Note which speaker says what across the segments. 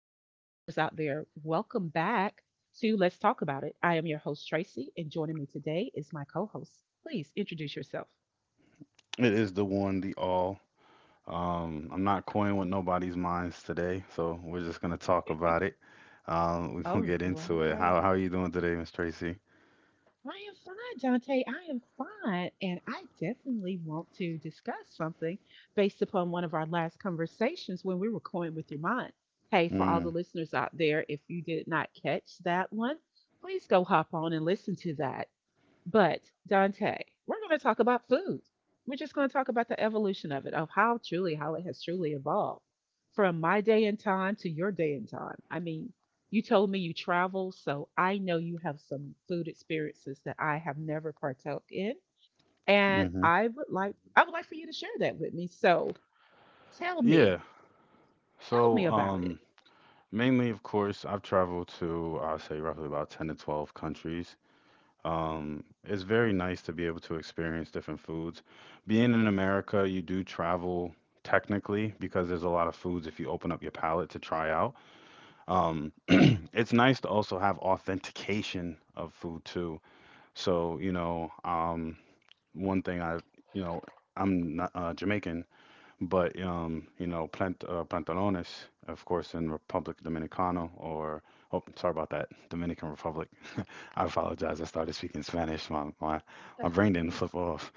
Speaker 1: listeners out there. Welcome back to Let's Talk About It. I am your host, Tracy, and joining me today is my co host. Please introduce yourself.
Speaker 2: It is the one, the all. I'm not coying with nobody's minds today, so we're just gonna talk about it. We're gonna
Speaker 1: All
Speaker 2: get into it.
Speaker 1: right.
Speaker 2: How are you doing today, Miss Tracy?
Speaker 1: I am fine, Dante. I am fine. And I definitely want to discuss something based upon one of our last conversations when we were going with your mind. Hey, for all the
Speaker 2: Mm,
Speaker 1: listeners out there, if you did not catch that one, please go hop on and listen to that. But Dante, we're going to talk about food. We're just going to talk about the evolution of it, of how truly, how it has truly evolved from my day and time to your day and time. I mean, you told me you travel, so I know you have some food experiences that I have never partook in, and
Speaker 2: mm-hmm.
Speaker 1: I would like for you to share that with me. So tell me,
Speaker 2: Yeah.
Speaker 1: tell
Speaker 2: So,
Speaker 1: me about it.
Speaker 2: um, mainly, of course, I've traveled to, I would say, roughly about 10 to 12 countries. It's very nice to be able to experience different foods. Being in America, you do travel technically because there's a lot of foods if you open up your palate to try out. It's nice to also have authentication of food too, so one thing I you know I'm not Jamaican, but you know, plant pantalones, of course, in republic dominicana or, oh, sorry about that, Dominican Republic. I apologize, I started speaking Spanish. My brain didn't flip off.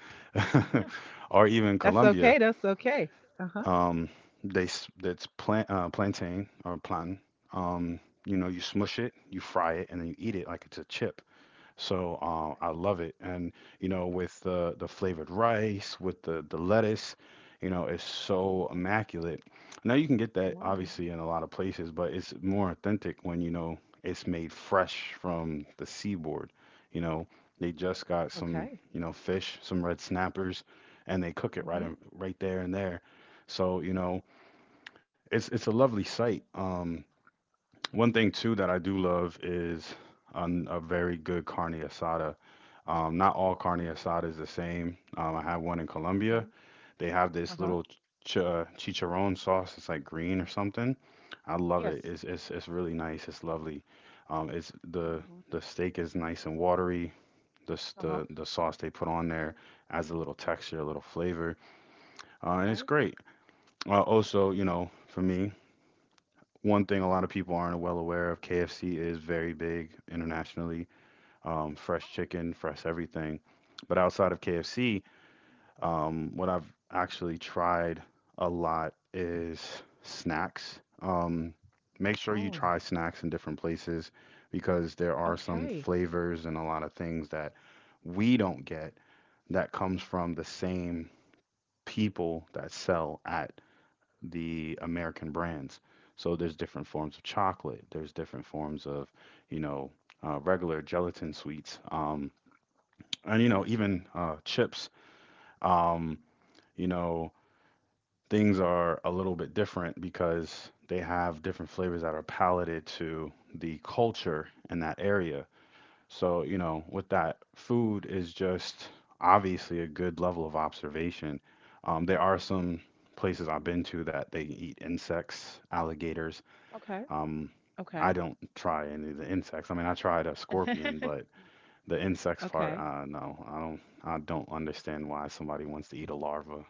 Speaker 2: Or even
Speaker 1: That's
Speaker 2: Colombia.
Speaker 1: okay. That's okay. Uh huh.
Speaker 2: um, that's plantain or plantain. Um, you know, you smush it, you fry it, and then you eat it like it's a chip. So I love it, and you know, with the flavored rice, with the lettuce, you know, it's so immaculate. Now you can get that
Speaker 1: Wow.
Speaker 2: obviously in a lot of places, but it's more authentic when you know it's made fresh from the seaboard. You know, they just got some,
Speaker 1: Okay.
Speaker 2: you know, fish, some red snappers, and they cook it right
Speaker 1: Mm-hmm.
Speaker 2: in, right there and there. So you know, it's a lovely sight. One thing too that I do love is a very good carne asada. Not all carne asada is the same. I have one in
Speaker 1: Okay.
Speaker 2: Colombia. They have
Speaker 1: Uh
Speaker 2: this
Speaker 1: huh.
Speaker 2: little ch chicharron sauce. It's like green or something. I love it.
Speaker 1: Yes.
Speaker 2: It's really nice. It's lovely. It's
Speaker 1: Oh, wow.
Speaker 2: the steak is nice and watery. The s-
Speaker 1: Uh-huh.
Speaker 2: the the sauce they put on there adds a little texture, a little flavor, and it's
Speaker 1: Okay.
Speaker 2: great. Also, you know, for me. One thing a lot of people aren't well aware of, KFC is very big internationally.
Speaker 1: Oh.
Speaker 2: Fresh chicken, fresh everything. But outside of KFC, what I've actually tried a lot is snacks. Make sure you
Speaker 1: Oh,
Speaker 2: try snacks in different places because there are some
Speaker 1: okay.
Speaker 2: flavors and a lot of things that we don't get that comes from the same people that sell at the American brands. So there's different forms of chocolate. There's different forms of, you know, regular gelatin sweets, and you know, even chips. Um, you know, things are a little bit different because they have different flavors that are palated to the culture in that area. So you know, with that, food is just obviously a good level of observation. There are some places I've
Speaker 1: Mm.
Speaker 2: been to that they eat insects, alligators.
Speaker 1: Okay.
Speaker 2: Um,
Speaker 1: Okay.
Speaker 2: I don't try any of the insects. I mean, I tried a scorpion, but the insects part,
Speaker 1: Okay.
Speaker 2: no, I don't. I don't understand why somebody wants to eat a larva,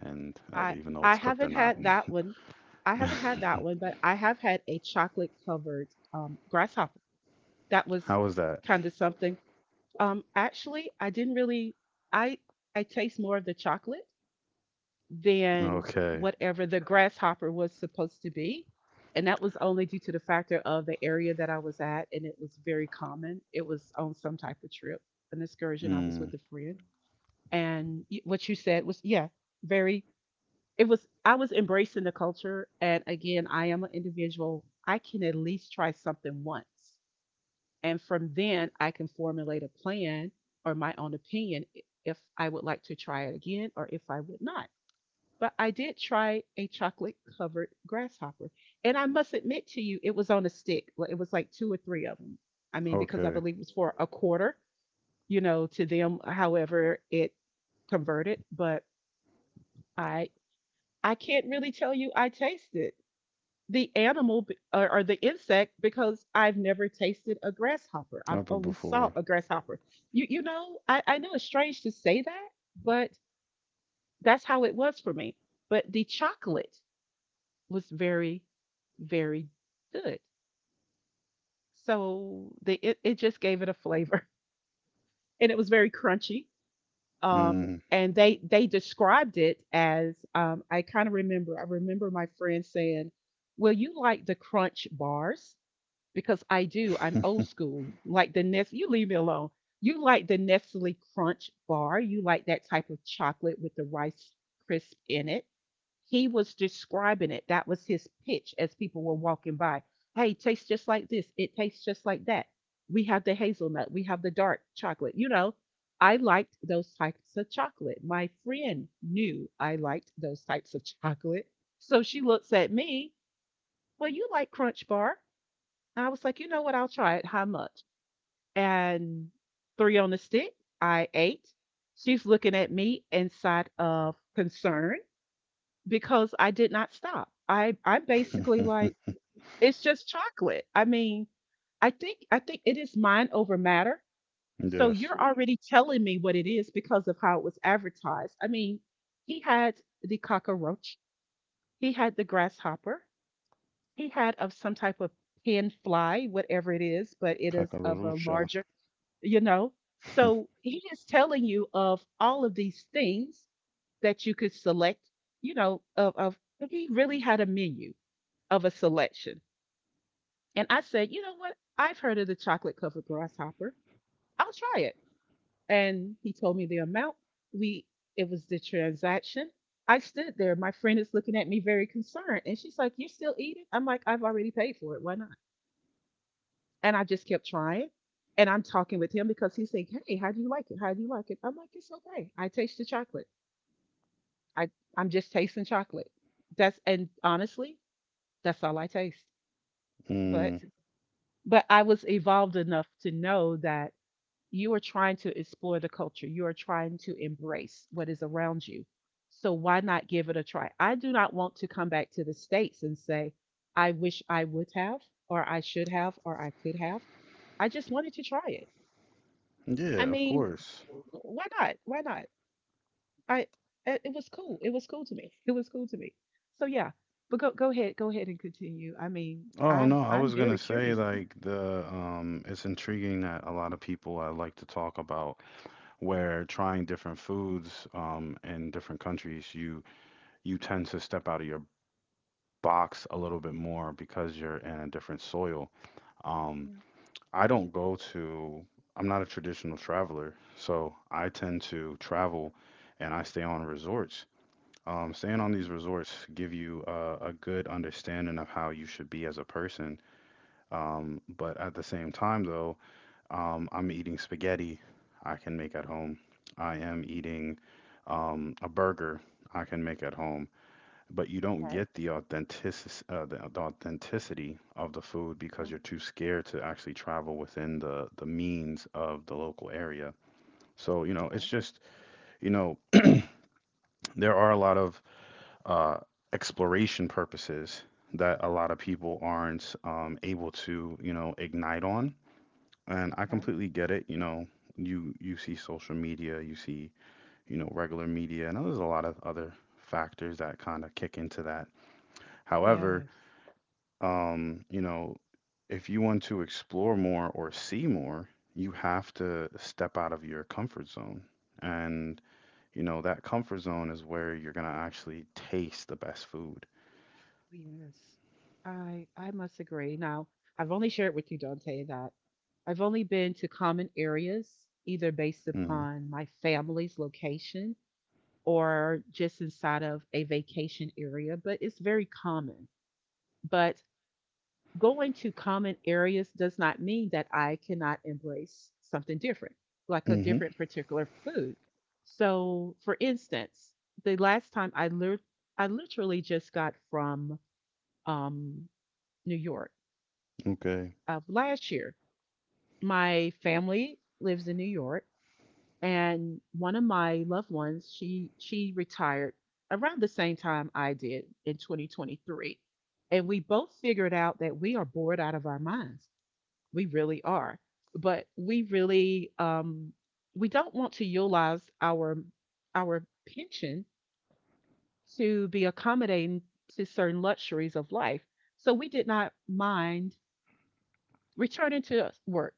Speaker 2: and
Speaker 1: I
Speaker 2: even though
Speaker 1: I
Speaker 2: it's cooked or
Speaker 1: haven't
Speaker 2: not.
Speaker 1: had that one. I haven't had that one, but I have had a chocolate covered grasshopper. That was
Speaker 2: How was that?
Speaker 1: kind of something. Actually, I didn't really I I taste more of the chocolate, than
Speaker 2: Okay.
Speaker 1: whatever the grasshopper was supposed to be. And that was only due to the factor of the area that I was at, and it was very common. It was on some type of trip, an excursion. I was
Speaker 2: Mm,
Speaker 1: with a friend, and what you said was, yeah, very. It was. I was embracing the culture, and again, I am an individual. I can at least try something once, and from then I can formulate a plan or my own opinion if I would like to try it again or if I would not, but I did try a chocolate covered grasshopper. And I must admit to you, it was on a stick. Like, it was like two or three of them. I mean, because I
Speaker 2: okay.
Speaker 1: believe it was for a quarter, you know, to them, however it converted. But I I can't really tell you I tasted the or the insect, because I've never tasted a grasshopper. I've
Speaker 2: Up
Speaker 1: only saw
Speaker 2: before.
Speaker 1: a grasshopper. You know, I know it's strange to say that, but that's how it was for me. But the chocolate was very, very good. So it just gave it a flavor, and it was very crunchy.
Speaker 2: Mm.
Speaker 1: And they described it as I kind of remember. I remember my friend saying, "Well, you like the crunch bars, because I do. I'm old school, like the Nest. You leave me alone. You like the Nestle Crunch bar. You like that type of chocolate with the Rice Crisp in it." He was describing it. That was his pitch as people were walking by. Hey, it tastes just like this. It tastes just like that. We have the hazelnut. We have the dark chocolate. You know, I liked those types of chocolate. My friend knew I liked those types of chocolate. So she looks at me, well, you like Crunch Bar. And I was like, you know what? I'll try it. How much? And three on the stick. I ate. She's looking at me inside of concern. Because I did not stop. I'm basically like, "It's just chocolate." I mean, I think it is mind over matter. So
Speaker 2: yes.
Speaker 1: you're, mhm, already telling me what it is because of how it was advertised. I mean, he had the cockroach, he had the grasshopper, he had of some type of pin fly, whatever it is, but it is of a
Speaker 2: Kakalarusha.
Speaker 1: larger, you know. So he is telling you of all of these things that you could select, you know, of he really had a menu, of a selection. And I said, you know what? I've heard of the chocolate covered grasshopper. I'll try it. And he told me the amount. We it was the transaction. I stood there. My friend is looking at me very concerned. And she's like, you're still eating? I'm like, I've already paid for it. Why not? And I just kept trying. And I'm talking with him because he's saying, hey, how do you like it? How do you like it? I'm like, it's okay. I taste the chocolate. I, I'm just tasting chocolate. That's, and honestly, that's all I taste. But
Speaker 2: mm,
Speaker 1: But I was evolved enough to know that you are trying to explore the culture. You are trying to embrace what is around you. So why not give it a try? I do not want to come back to the States and say, I wish I would have, or I should have, or I could have. I just wanted to try it. I
Speaker 2: yeah, of
Speaker 1: mean,
Speaker 2: course.
Speaker 1: why not? Why not? I it, it was cool. It was cool to me. It was cool to me. So yeah, but go go ahead and continue. I mean,
Speaker 2: Oh no,
Speaker 1: I'm
Speaker 2: I
Speaker 1: I'm
Speaker 2: was gonna
Speaker 1: very
Speaker 2: say
Speaker 1: curious.
Speaker 2: like the it's intriguing that a lot of people I like to talk about where trying different foods in different countries, you tend to step out of your box a little bit more because you're in a different soil. Um
Speaker 1: Yeah,
Speaker 2: I don't go to I'm not a traditional traveler, so I tend to travel and I stay on resorts. Staying on
Speaker 1: okay.
Speaker 2: these resorts give you a good understanding of how you should be as a person, but at the same time, though, I'm eating spaghetti I can make at home. I am eating a burger I can make at home. But you don't
Speaker 1: Okay.
Speaker 2: get the authenticity of the food because you're too scared to actually travel within the means of the local area. So, you know,
Speaker 1: Mhm.
Speaker 2: it's just, you know, there are a lot of uh, exploration purposes that a lot of people aren't able to, you know, ignite on. And I
Speaker 1: Okay. Oh,
Speaker 2: completely get it. You know, you see social media, you see, you know, regular media, and there's a lot of other factors that kind of kick into that. However,
Speaker 1: yes.
Speaker 2: you know, if you want to explore more or see more, you have to step out of your comfort zone. And, you know, that comfort zone is where you're gonna actually taste the best food.
Speaker 1: Oh, yes. I must agree. Now, I've only shared with you, Dante, that I've only been to common areas either based
Speaker 2: Hmm.
Speaker 1: upon my family's location or just inside of a vacation area, but it's very common. But going to common areas does not mean that I cannot embrace something different, like a
Speaker 2: Hmm.
Speaker 1: different particular food. So, for instance, the last time I lit- I literally just got from um, New York
Speaker 2: Okay.
Speaker 1: of last year. My family lives in New York, and one of my loved ones, she retired around the same time I did in 2023, and we both figured out that we are bored out of our minds. We really are, but we really, we don't want to utilize our pension to be accommodating to certain luxuries of life. So we did not mind returning to work,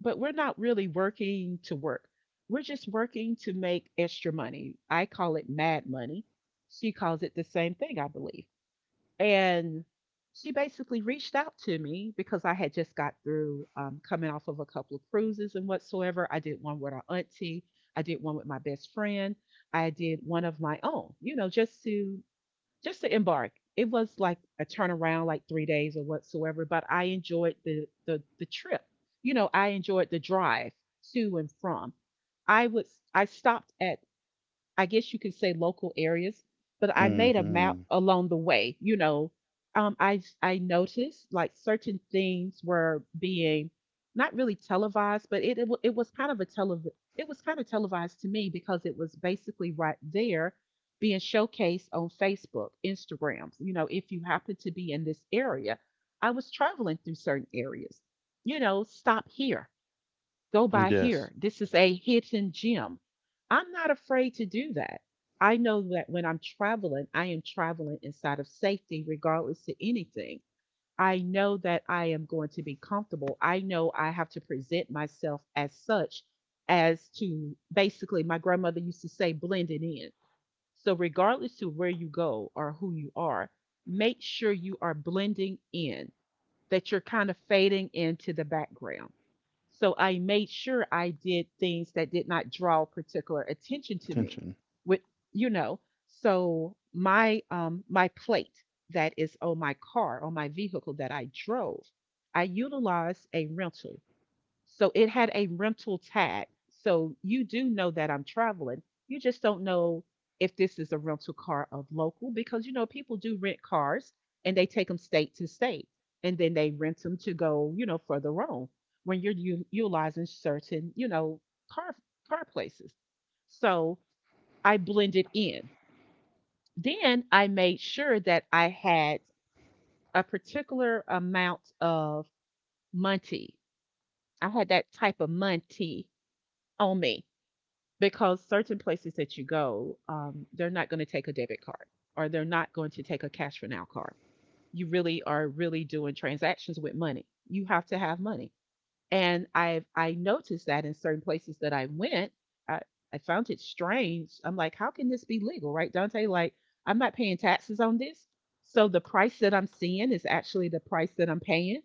Speaker 1: but we're not really working to work. We're just working to make extra money. I call it mad money. She calls it the same thing, I believe. And she basically reached out to me because I had just got through, coming off of a couple of cruises and whatsoever. I did one with our auntie, I did one with my best friend, I did one of my own, you know, just to embark. It was like a turnaround, like 3 days or whatsoever, but I enjoyed the trip. You know, I enjoyed the drive to and from. I stopped at, I guess you could say, local areas, but I made a map
Speaker 2: Hmm.
Speaker 1: along the way, you know. Um, I I noticed like certain things were being not really televised, but it was kind of a tele it was kind of televised to me because it was basically right there being showcased on Facebook, Instagrams, you know, if you happen to be in this area. I was traveling through certain areas. You know, stop here, go by
Speaker 2: Yes.
Speaker 1: here. This is a hidden gem. I'm not afraid to do that. I know that when I'm traveling, I am traveling inside of safety, regardless to anything. I know that I am going to be comfortable. I know I have to present myself as such, as to basically, my grandmother used to say, blend it in. So, regardless to where you go or who you are, make sure you are blending in, that you're kind of fading into the background. So I made sure I did things that did not draw particular attention to me.
Speaker 2: Attention.
Speaker 1: With, you know, so my my plate that is on my car, on my vehicle that I drove, I utilized a rental, so it had a rental tag. So you do know that I'm traveling. You just don't know if this is a rental car of local, because you know people do rent cars and they take them state to state and then they rent them to go, you know, further on when you're utilizing certain, you know, car car places. So I blended in. Then I made sure that I had a particular amount of Monty. I had that type of Monty on me. Because certain places that you go, they're not gonna take a debit card or they're not going to take a cash for now card. You really are really doing transactions with money. You have to have money. And I noticed that in certain places that I went, I, I found it strange. I'm like, how can this be legal, right, Dante? Like, I'm not paying taxes on this. So the price that I'm seeing is actually the price that I'm paying.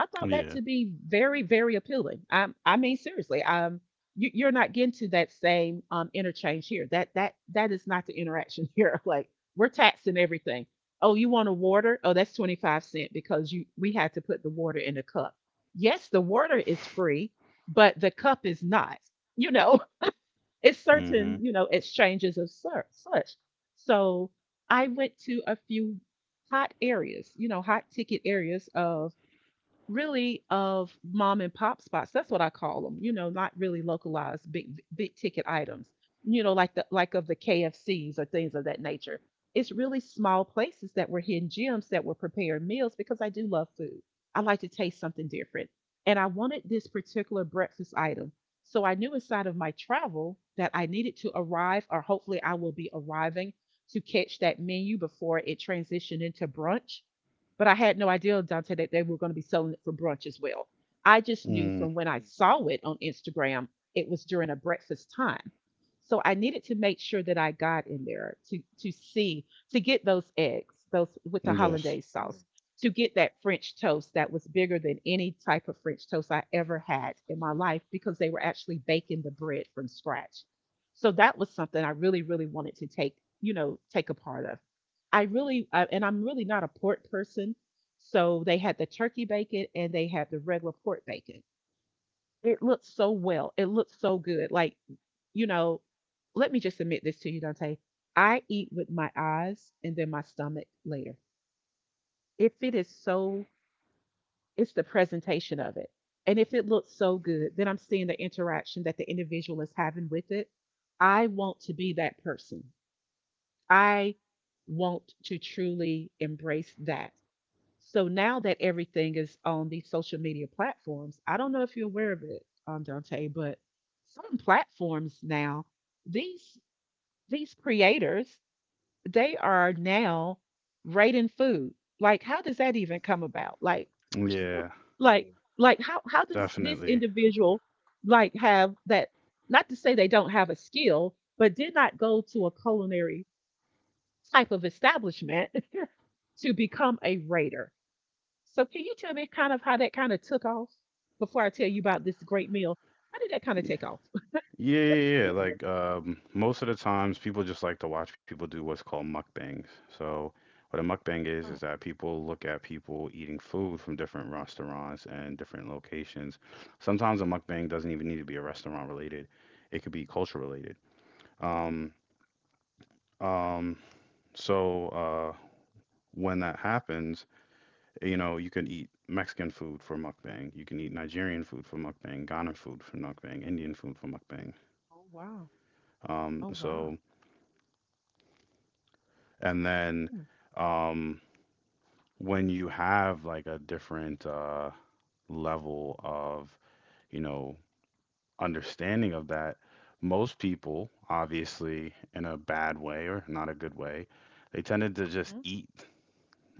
Speaker 1: I thought that
Speaker 2: Yeah.
Speaker 1: to be very, very appealing. I mean, seriously, you're not getting to that same interchange here. That is not the interaction here. Like, we're taxing everything. Oh, you want a water? Oh, that's 25 cent because you we had to put the water in the cup. Yes, the water is free, but the cup is not. You know, it's certain,
Speaker 2: Hmm.
Speaker 1: exchanges of such. So I went to a few hot areas, hot ticket areas of really of mom and pop spots. That's what I call them. Not really localized big ticket items. Like the like of the KFCs or things of that nature. It's really small places that were hidden gems that were prepared meals because I do love food. I like to taste something different. And I wanted this particular breakfast item. So I knew inside of my travel that I needed to arrive, or hopefully I will be arriving, to catch that menu before it transitioned into brunch, but I had no idea, Dante, that they were going to be selling it for brunch as well. I just knew,
Speaker 2: Mm.
Speaker 1: from when I saw it on Instagram, it was during a breakfast time. So I needed to make sure that I got in there to see, to get those eggs, those with the
Speaker 2: Yes.
Speaker 1: hollandaise sauce, to get that French toast that was bigger than any type of French toast I ever had in my life, because they were actually baking the bread from scratch. So that was something I really, really wanted to take, take a part of. And I'm really not a port person. So they had the turkey bacon and they had the regular port bacon. It looked so well. It looked so good. Like, you know, let me just admit this to you, Dante. I eat with my eyes and then my stomach later. If it is so, it's the presentation of it. And if it looks so good, then I'm seeing the interaction that the individual is having with it. I want to be that person. I want to truly embrace that. So now that everything is on these social media platforms, I don't know if you're aware of it, Dante, but certain platforms now, these these creators, they are now rating food. Like, how does that even come about?
Speaker 2: Yeah,
Speaker 1: How does this
Speaker 2: definitely.
Speaker 1: individual like have that? Not to say they don't have a skill, but did not go to a culinary type of establishment to become a rater. So can you tell me kind of how that kind of took off before I tell you about this great meal? How did that kind of
Speaker 2: Y-
Speaker 1: take off?
Speaker 2: Yeah, yeah, yeah.
Speaker 1: Yeah.
Speaker 2: Like most of the times, people just like to watch people do what's called mukbangs. So, what a mukbang
Speaker 1: Oh,
Speaker 2: is that people look at people eating food from different restaurants and different locations. Sometimes a mukbang doesn't even need to be a restaurant related; it could be culture related. Um, um, so uh, when that happens, you know, you can eat Mexican food for mukbang, you can eat Nigerian food for mukbang, Ghana food for mukbang, Indian food for mukbang.
Speaker 1: oh wow. Oh wow.
Speaker 2: So and then
Speaker 1: Hmm.
Speaker 2: um, when you have like a different level of, you know, understanding of that, most people, obviously in a bad way or not a good way, they tended to just eat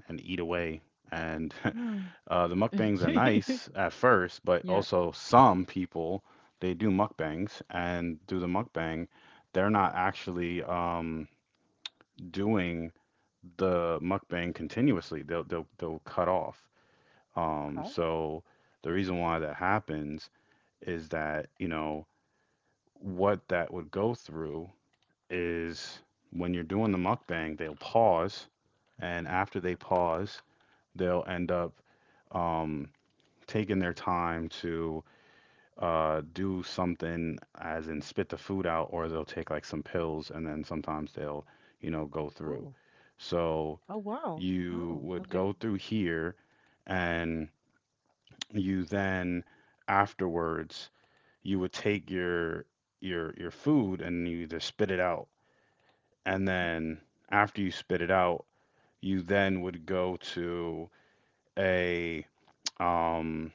Speaker 2: and eat away. And
Speaker 1: Mhm.
Speaker 2: the mukbangs are
Speaker 1: Mm.
Speaker 2: nice at first, but
Speaker 1: yeah.
Speaker 2: also some people they do mukbangs and do the mukbang, they're not actually doing the mukbang continuously. They'll cut off.
Speaker 1: Okay.
Speaker 2: So the reason why that happens is that, you know, what that would go through is when you're doing the mukbang, they'll pause, and after they pause, they'll end up um, taking their time to do something, as in spit the food out, or they'll take like some pills, and then sometimes they'll, you know, go through.
Speaker 1: Oh.
Speaker 2: So
Speaker 1: Oh wow.
Speaker 2: you
Speaker 1: Oh.
Speaker 2: would
Speaker 1: Okay.
Speaker 2: go through here, and you then afterwards you would take your your food and you either spit it out, and then after you spit it out, you then would go to a um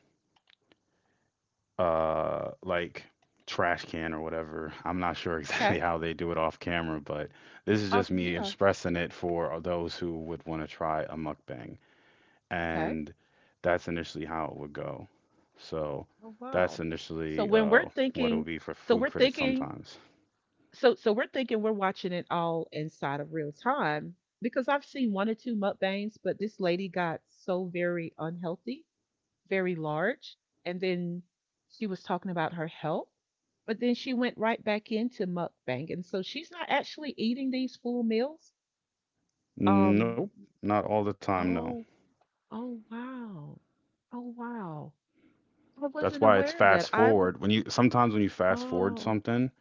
Speaker 2: like trash can or whatever. I'm not sure exactly
Speaker 1: Okay.
Speaker 2: how they do it off camera, but this is just me
Speaker 1: Yeah.
Speaker 2: expressing it for those who would want to try a mukbang.
Speaker 1: Okay.
Speaker 2: And that's initially how it would go. So
Speaker 1: Oh
Speaker 2: that's
Speaker 1: wow. So
Speaker 2: initially
Speaker 1: when we're
Speaker 2: what it'll
Speaker 1: thinking,
Speaker 2: be for
Speaker 1: so
Speaker 2: food
Speaker 1: we're
Speaker 2: critics
Speaker 1: thinking
Speaker 2: sometimes.
Speaker 1: so we're thinking we're watching it all inside of real time, because I've seen one or two mukbangs, but this lady got so very unhealthy, very large, and then she was talking about her health, but then she went right back into mukbang, and so she's not actually eating these full meals. Um.
Speaker 2: Nope, not all the time, no.
Speaker 1: Oh. Oh wow. Oh wow. I
Speaker 2: That's
Speaker 1: wasn't
Speaker 2: why it's
Speaker 1: aware of that.
Speaker 2: fast
Speaker 1: I was.
Speaker 2: forward. When you sometimes when you fast forward
Speaker 1: Oh
Speaker 2: something,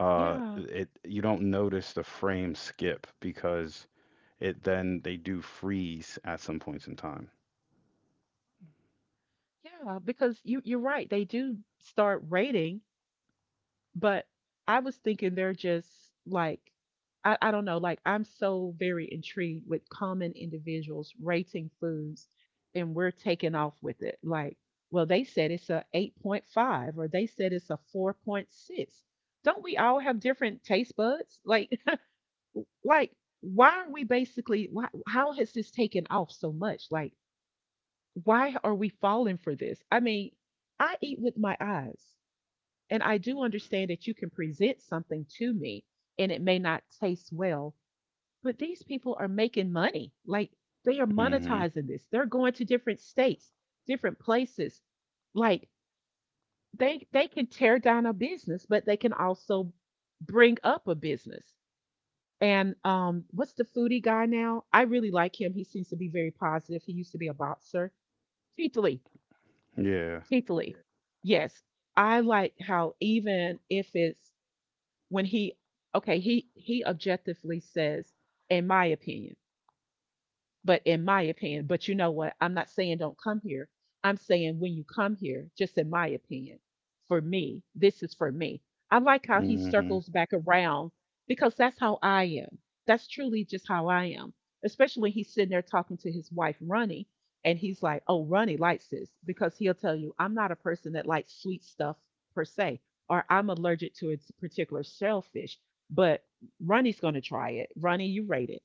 Speaker 1: yeah.
Speaker 2: it you don't notice the frame skip because it then they do freeze at some points in time.
Speaker 1: Yeah. Because you're right. They do start rating. But I was thinking they're just like I don't know, like, I'm so very intrigued with common individuals rating foods, and we're taking off with it. Like, well, they said it's a 8.5 or they said it's a 4.6. Don't we all have different taste buds? Like, like, why are we basically why, how has this taken off so much? Like, why are we falling for this? I mean, I eat with my eyes. And I do understand that you can present something to me and it may not taste well, but these people are making money. Like, they are
Speaker 2: Mm-hmm.
Speaker 1: monetizing this. They're going to different states, different places. Like, they can tear down a business, but they can also bring up a business. And what's the foodie guy now? I really like him. He seems to be very positive. He used to be a boxer. Keith Lee.
Speaker 2: Yeah.
Speaker 1: Keith Lee. Yes. I like how, even if it's, when he, okay, he objectively says, in my opinion, but you know what? I'm not saying don't come here. I'm saying when you come here, just in my opinion, for me, this is for me. I like how he
Speaker 2: Mm-hmm.
Speaker 1: circles back around, because that's how I am. That's truly just how I am, especially when he's sitting there talking to his wife, Ronnie, and he's like, oh, Ronnie likes this, because he'll tell you, I'm not a person that likes sweet stuff per se, or I'm allergic to its particular shellfish, but Ronnie's going to try it. Ronnie, you rate it,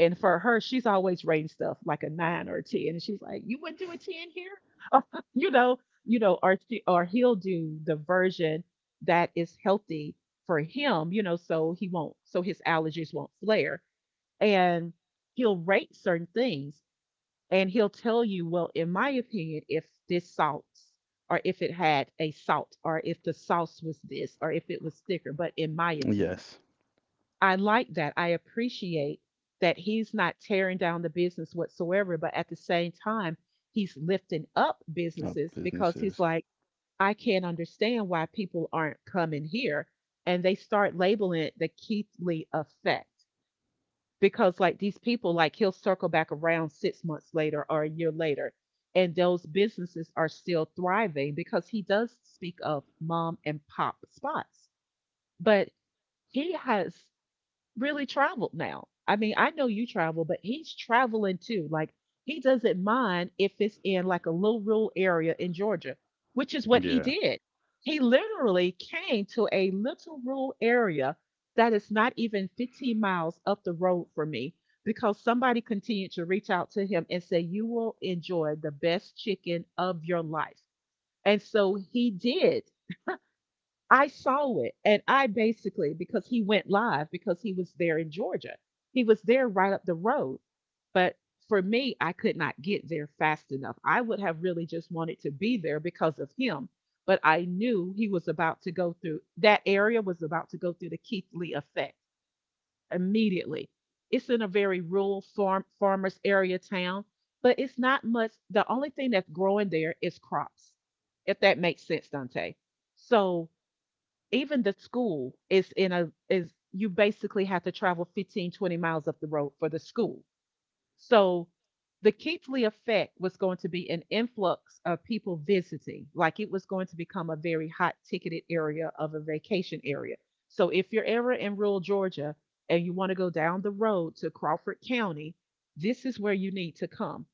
Speaker 1: and for her, she's always rating stuff like a nine or a 10, and she's like, "You wouldn't do a 10 here," you know, or she, or he'll do the version that is healthy for him, you know, so he won't, so his allergies won't flare, and he'll rate certain things, and he'll tell you, "Well, in my opinion, if this salt." Or if it had a salt, or if the sauce was this, or if it was thicker. But in my opinion,
Speaker 2: Yes.
Speaker 1: I like that. I appreciate that he's not tearing down the business whatsoever, but at the same time, he's lifting up
Speaker 2: Up
Speaker 1: businesses, because he's
Speaker 2: businesses.
Speaker 1: like, I can't understand why people aren't coming here. And they start labeling it the Keithley effect because, like, these people, like, he'll circle back around 6 months later or a year later, and those businesses are still thriving, because he does speak of mom and pop spots. But he has really traveled now. I mean, I know you travel, but he's traveling too. Like, he doesn't mind if it's in like a little rural area in Georgia, which is what he
Speaker 2: Yeah.
Speaker 1: did. He literally came to a little rural area that is not even 15 miles up the road from me, because somebody continued to reach out to him and say, you will enjoy the best chicken of your life. And so he did. I saw it. And I basically, because he went live, because he was there in Georgia, he was there right up the road. But for me, I could not get there fast enough. I would have really just wanted to be there because of him. But I knew he was about to go through that area, was about to go through the Keithley effect immediately. It's in a very rural farmers area town, but it's not much. The only thing that's growing there is crops, if that makes sense, Dante. So even the school is in a is you basically have to travel 15 20 miles up the road for the school. So the Keithley effect was going to be an influx of people visiting. Like, it was going to become a very hot ticketed area, of a vacation area. So if you're ever in rural Georgia and you want to go down the road to Crawford County, this is where you need to come.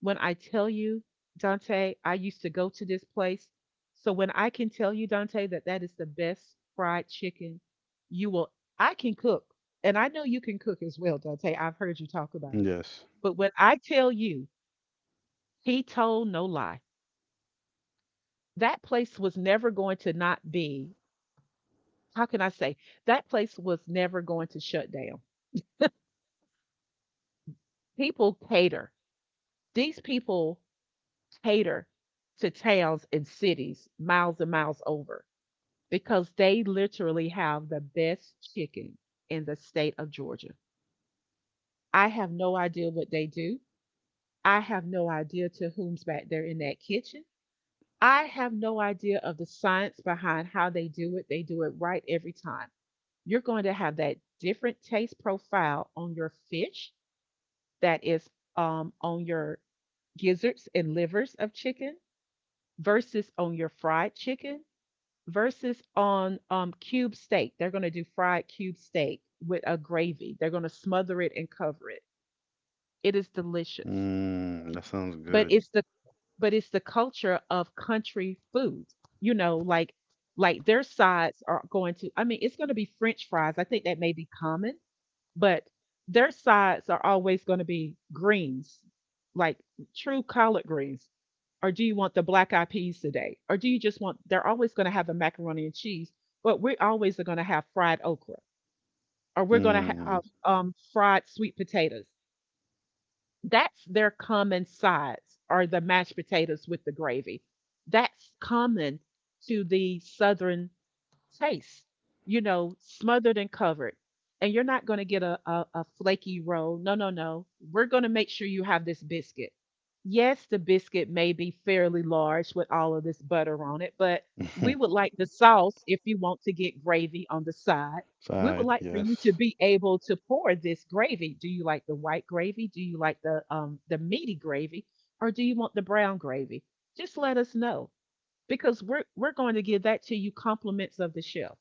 Speaker 1: When I tell you, Dante, I used to go to this place. So when I can tell you, Dante, that that is the best fried chicken you will, I can cook. And I know you can cook as well, Dante. I've heard you talk about it.
Speaker 2: Yes.
Speaker 1: But when I tell you, he told no lie. That place was never going to not be, how can I say, that place was never going to shut down. People cater. These people cater to towns and cities miles and miles over, because they literally have the best chicken in the state of Georgia. I have no idea what they do. I have no idea to whom's back there in that kitchen. I have no idea of the science behind how they do it. They do it right every time. You're going to have that different taste profile on your fish, that is on your gizzards and livers of chicken, versus on your fried chicken, versus on cube steak. They're going to do fried cube steak with a gravy. They're going to smother it and cover it. It is delicious.
Speaker 2: Mm, that sounds
Speaker 1: But
Speaker 2: good.
Speaker 1: it's the but it's the culture of country foods. You know, like like their sides are going to, I mean, it's going to be french fries. I think that may be common, but their sides are always going to be greens, like true collard greens. Or do you want the black eyed peas today? Or do you just want, they're always going to have the macaroni and cheese, but we're always going to have fried okra or we're going to
Speaker 2: Mm.
Speaker 1: have fried sweet potatoes. That's their common sides or the mashed potatoes with the gravy. That's common to the Southern taste, you know, smothered and covered. And you're not going to get a flaky roll. No, no, no. We're going to make sure you have this biscuit. Yes, the biscuit may be fairly large with all of this butter on it, but we would like the sauce if you want to get gravy on the side. We would
Speaker 2: Side,
Speaker 1: like for you to
Speaker 2: yes.
Speaker 1: be able to pour this gravy. Do you like the white gravy? Do you like the the meaty gravy or do you want the brown gravy? Just let us know because we're going to give that to you compliments of the shelf,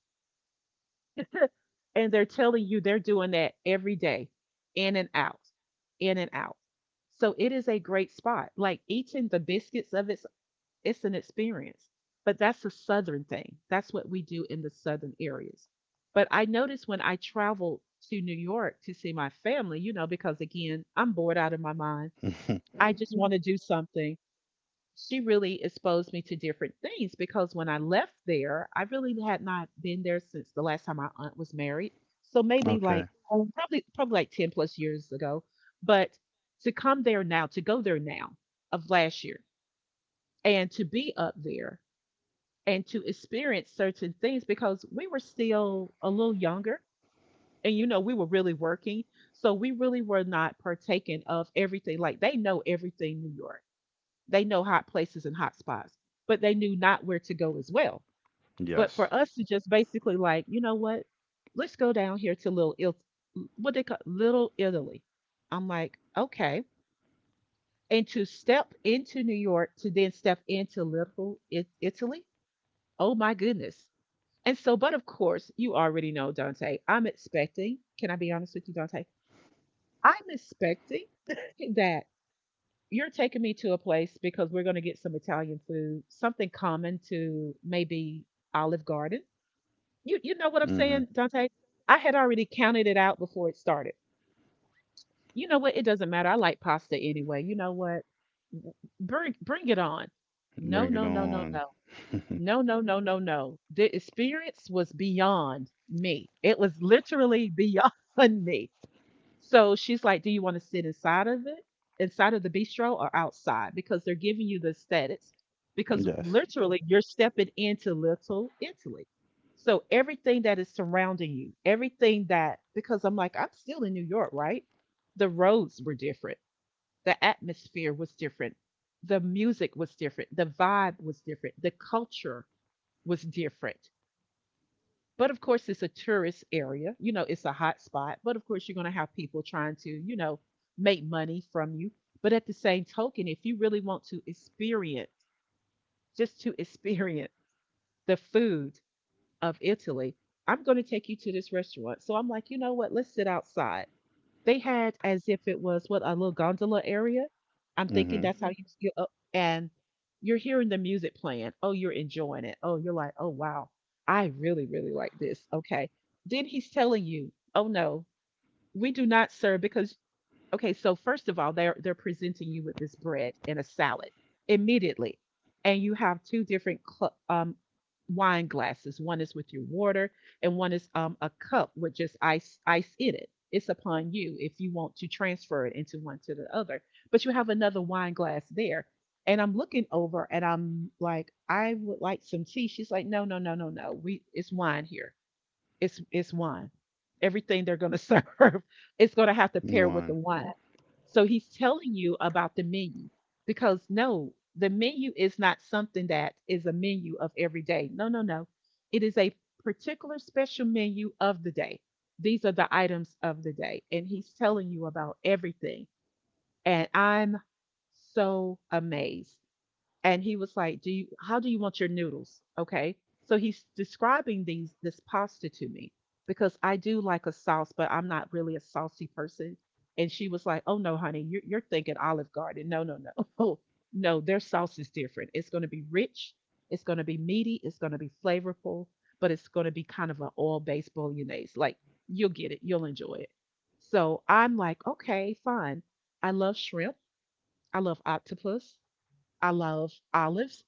Speaker 1: and they're telling you they're doing that every day, in and out, in and out. So it is a great spot. Like eating the biscuits of it's an experience. But that's a Southern thing. That's what we do in the Southern areas. But I noticed when I traveled to New York to see my family, you know, because again I'm bored out of my mind, I just want to do something. She really exposed me to different things, because when I left there, I really had not been there since the last time my aunt was married. So maybe
Speaker 2: Okay.
Speaker 1: like oh, probably like 10 plus years ago. But to come there now, to go there now, of last year, and to be up there and to experience certain things, because we were still a little younger, and you know we were really working, so we really were not partaking of everything. Like they know everything, New York. They know hot places and hot spots, but they knew not where to go as well. But
Speaker 2: Yes.
Speaker 1: for us to just basically like, you know what? Let's go down here to what they call Little Italy. I'm like, okay. And to step into New York to then step into Little Italy. Oh my goodness. And so, but of course, you already know, Dante. I'm expecting, can I be honest with you, Dante? I'm expecting that you're taking me to a place because we're going to get some Italian food, something common to maybe Olive Garden. You know what I'm
Speaker 2: Mm-hmm.
Speaker 1: saying, Dante? I had already counted it out before it started. You know what? It doesn't matter. I like pasta anyway. You know what? Bring it on. No,
Speaker 2: Bring it
Speaker 1: no, no, no,
Speaker 2: on.
Speaker 1: no. No, no, no, no, no. The experience was beyond me. It was literally beyond me. So she's like, "Do you want to sit inside of it, inside of the bistro or outside?" Because they're giving you the aesthetics. Because
Speaker 2: Yes.
Speaker 1: literally, you're stepping into Little Italy. So everything that is surrounding you, everything that, because I'm like, I'm still in New York, right? The roads were different. The atmosphere was different. The music was different. The vibe was different. The culture was different. But of course, it's a tourist area. You know, it's a hot spot. But of course, you're going to have people trying to, you know, make money from you. But at the same token, if you really want to experience, just to experience the food of Italy, I'm going to take you to this restaurant. So I'm like, you know what? Let's sit outside. They had, as if it was what, a little gondola area? I'm thinking
Speaker 2: Mm-hmm.
Speaker 1: that's how Mhm. you get up, and you're hearing the music playing. Oh, you're enjoying it. Oh, you're like, "Oh, wow. I really, really like this." Okay. Then he's telling you, "Oh, no. We do not serve because" Okay, so first of all, they're presenting you with this bread and a salad immediately, and you have two different wine glasses. One is with your water, and one is a cup with just ice in it. It's upon you if you want to transfer it into one to the other. But you have another wine glass there, and I'm looking over, and I'm like, I would like some tea. She's like, "No, no, no, no, no. We it's wine here. It's wine. Everything they're going to serve, it's going to have to pair with the
Speaker 2: One.
Speaker 1: wine." So he's telling you about the menu, because no, the menu is not something that is a menu of every day. No, no, no. It is a particular special menu of the day. These are the items of the day. And he's telling you about everything. And I'm so amazed, and he was like, "Do you how do you want your noodles?" Okay. So he's describing these this pasta to me, because I do like a sauce, but I'm not really a saucy person. And she was like, "Oh no, honey, you're thinking Olive Garden. No, no, no." "Oh, no, their sauce is different. It's going to be rich, it's going to be meaty, it's going to be flavorful, but it's going to be kind of an oil-based bolognese. Like you'll get it, you'll enjoy it." So I'm like, "Okay, fine." I love shrimp. I love octopus. I love olives.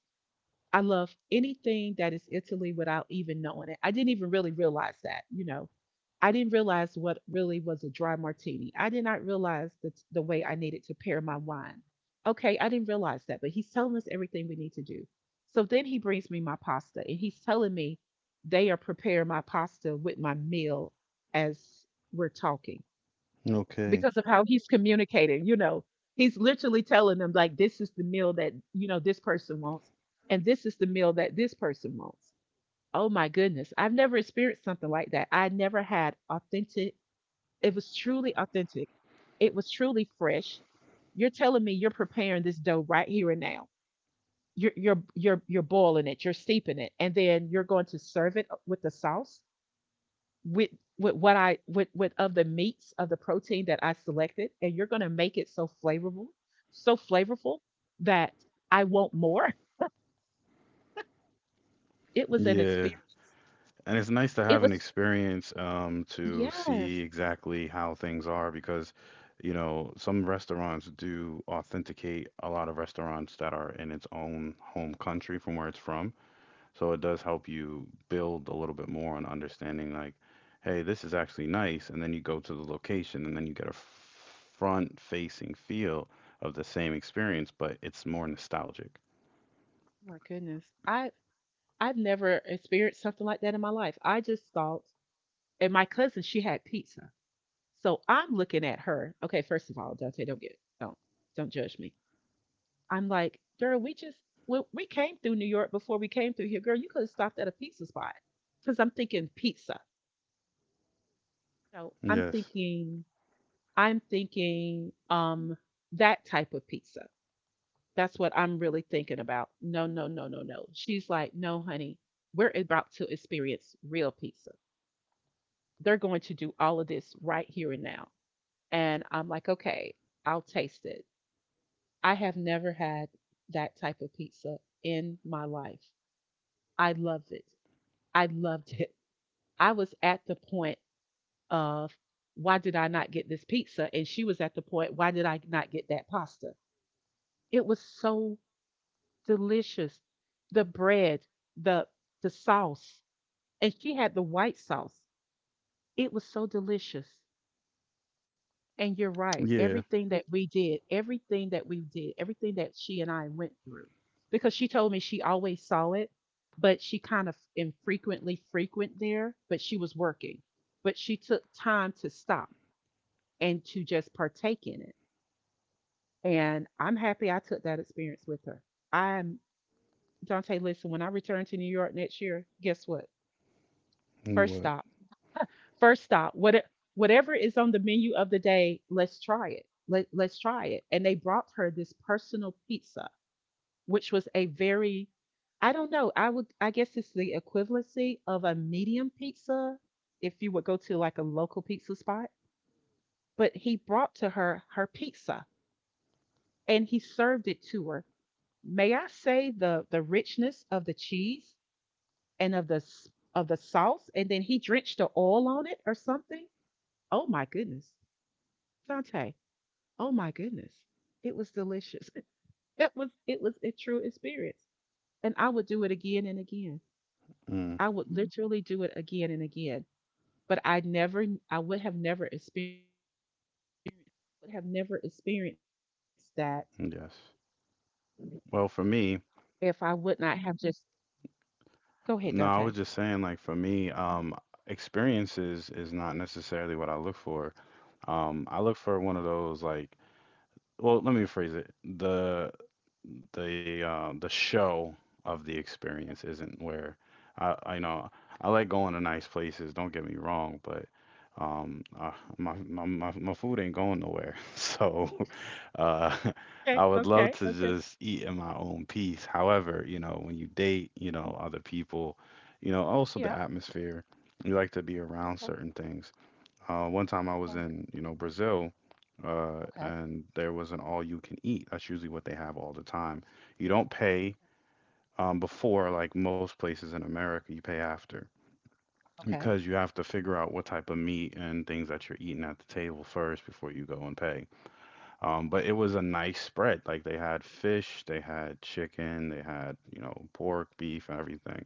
Speaker 1: I love anything that is Italy without even knowing it. I didn't even really realize that, you know. I didn't realize what really was a dry martini. I did not realize the way I needed to pair my wine. Okay, I didn't realize that, but he's telling us everything we need to do. So then he brings me my pasta and he's telling me they are preparing my pasta with my meal as we're talking,
Speaker 2: Okay.
Speaker 1: because of how he's communicating, you know. He's literally telling them like, this is the meal that, you know, this person wants, and this is the meal that this person wants. Oh my goodness. I've never experienced something like that. I never had authentic it was truly authentic. It was truly fresh. You're telling me you're preparing this dough right here and now. You're boiling it, you're steeping it, and then you're going to serve it with the sauce with with what I with of the meats of the protein that I selected, and you're gonna make it so flavorful that I want more. It was an
Speaker 2: Yeah.
Speaker 1: experience.
Speaker 2: And it's nice to
Speaker 1: It
Speaker 2: have an
Speaker 1: was
Speaker 2: experience to see
Speaker 1: yes.
Speaker 2: exactly how things are because, you know, some restaurants do authenticate a lot of restaurants that are in its own home country from where it's from. So it does help you build a little bit more on understanding, like, hey, this is actually nice. And then you go to the location and then you get a front facing feel of the same experience, but it's more nostalgic.
Speaker 1: Oh my goodness. I've never experienced something like that in my life. I just thought, and my cousin, she had pizza. So I'm looking at her. Okay, first of all, Dante, don't get don't judge me. I'm like, girl, we just when we came through New York before we came through here, girl, you could have stopped at a pizza spot. Because I'm thinking pizza. No,
Speaker 2: Yes.
Speaker 1: I'm thinking that type of pizza. That's what I'm really thinking about. No, no, no, no, no. She's like, "No, honey, we're about to experience real pizza. They're going to do all of this right here and now." And I'm like, okay, I'll taste it. I have never had that type of pizza in my life. I love it. I loved it. I was at the point of why did I not get this pizza? And she was at the point, why did I not get that pasta? It was so delicious. The bread, the the sauce, and she had the white sauce. It was so delicious. And you're right.
Speaker 2: Yeah.
Speaker 1: Everything that we did, everything that we did, everything that she and I went through, because she told me she always saw it, but she kind of infrequently frequent there, but she was working. But she took time to stop and to just partake in it. And I'm happy I took that experience with her. I'm Dante, listen, when I return to New York next year, guess what?
Speaker 2: And
Speaker 1: First
Speaker 2: what?
Speaker 1: stop, first stop. What whatever is on the menu of the day, let's try it. Let's try it. And they brought her this personal pizza, which was a very I don't know. I guess it's the equivalency of a medium pizza if you would go to like a local pizza spot. But he brought to her her pizza and he served it to her. May I say the richness of the cheese and of the of the sauce, and then he drenched the oil on it or something? Oh my goodness. Dante. Oh my goodness. It was delicious. It was a true experience. And I would do it again and again.
Speaker 2: Mm,
Speaker 1: I would Mhm. literally do it again and again. But I never I would have never experienced would have never experienced that
Speaker 2: yes. Well,
Speaker 1: if
Speaker 2: for
Speaker 1: I would
Speaker 2: me,
Speaker 1: not have just go ahead, Dante.
Speaker 2: no, I was just saying, like, for me, experiences is not necessarily what I look for. I look for one of those, like, well, let me rephrase it. The the show of the experience isn't where I know I like going to nice places. Don't get me wrong, but um, uh, my food ain't going nowhere. So, uh,
Speaker 1: Okay,
Speaker 2: I would love
Speaker 1: okay,
Speaker 2: to
Speaker 1: okay.
Speaker 2: just eat in my own peace. However, you know, when you date, you
Speaker 1: Mhm.
Speaker 2: know, other people, you know, also the
Speaker 1: Yeah.
Speaker 2: atmosphere. You like to be around
Speaker 1: Okay.
Speaker 2: certain things. One time I was
Speaker 1: Okay.
Speaker 2: in, you know, Brazil,
Speaker 1: Okay.
Speaker 2: and there was an all you can eat. That's usually what they have all the time. You don't pay before, like most places in America, you pay after
Speaker 1: Okay. Mm, okay. Okay.
Speaker 2: because you have to figure out what type of meat and things that you're eating at the table first before you go and pay. But it was a nice spread. Like they had fish, they had chicken, they had, you know, pork, beef, everything.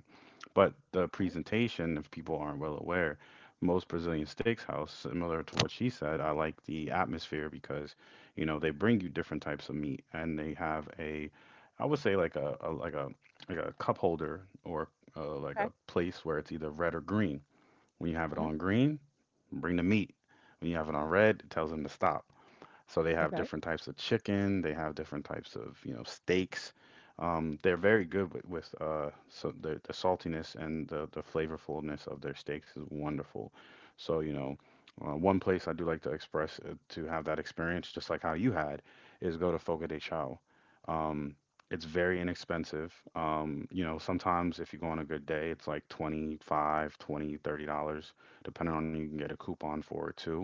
Speaker 2: But the presentation, if people aren't well aware, most Brazilian steakhouse, similar to what she said, I like the atmosphere because, you know, they bring you different types of meat and they have a, I would say like a like a like a cup holder or like
Speaker 1: Okay.
Speaker 2: a place where it's either red or green. When you have it
Speaker 1: Mhm,
Speaker 2: on green, bring the meat. When you have it on red, it tells them to stop. So they have
Speaker 1: okay.
Speaker 2: different types of chicken. They have different types of steaks. They're very good with, so the saltiness and the flavorfulness of their steaks is wonderful. So you know, one place I do like to express to have that experience, just like how you had, is go to Fogo de Chao. Um, it's very inexpensive. You know, sometimes if you go on a good day, it's like 25, 20, $30, depending on you can get a coupon for it too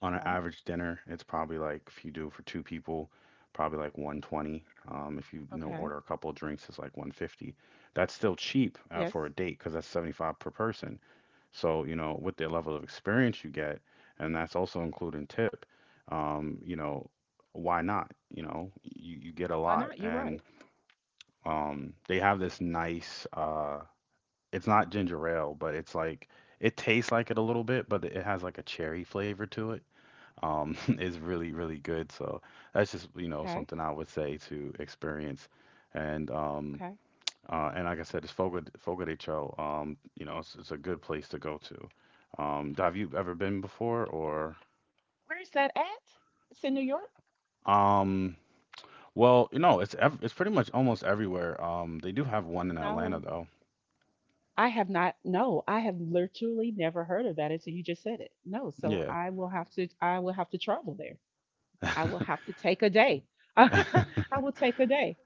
Speaker 2: on an
Speaker 1: Okay.
Speaker 2: average dinner. It's probably like if you do it for two people, probably like 120. If you, you know,
Speaker 1: Okay.
Speaker 2: order a couple of drinks, it's like 150. That's still
Speaker 1: Yes.
Speaker 2: cheap for a date because that's 75 per person. So you know with the level of experience you get, and that's also including tip. You know, why not? You know, you get a
Speaker 1: Why not?
Speaker 2: lot,
Speaker 1: You're right.
Speaker 2: and they have this nice. It's not ginger ale, but it's like it tastes like it a little bit, but it has like a cherry flavor to it, is really, really good. So that's just, you know,
Speaker 1: Okay.
Speaker 2: something I would say to experience. And um,
Speaker 1: Okay.
Speaker 2: uh, and like I said, it's Fogo de Chão. You know, it's a good place to go to. Have you ever been before or?
Speaker 1: Where is that at? It's in New York?
Speaker 2: Um, well, you know, it's pretty much almost everywhere. They do have one in Atlanta
Speaker 1: No.
Speaker 2: though.
Speaker 1: I have literally never heard of that until you just said it. No, so
Speaker 2: Yeah.
Speaker 1: I will have to travel there. I will have to take a day. I will take a day.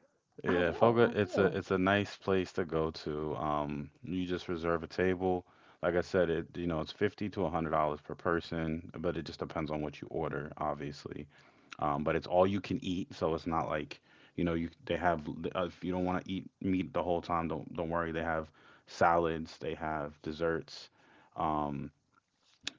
Speaker 1: I
Speaker 2: Yeah,
Speaker 1: will.
Speaker 2: Fogo,
Speaker 1: I will.
Speaker 2: it's a nice place to go to. You just reserve a table. Like I said, it you know it's 50 to $100 per person, but it just depends on what you order, obviously. But it's all you can eat, so it's not like you know you they have if you don't want to eat meat the whole time, don't worry. They have salads, they have desserts. Um,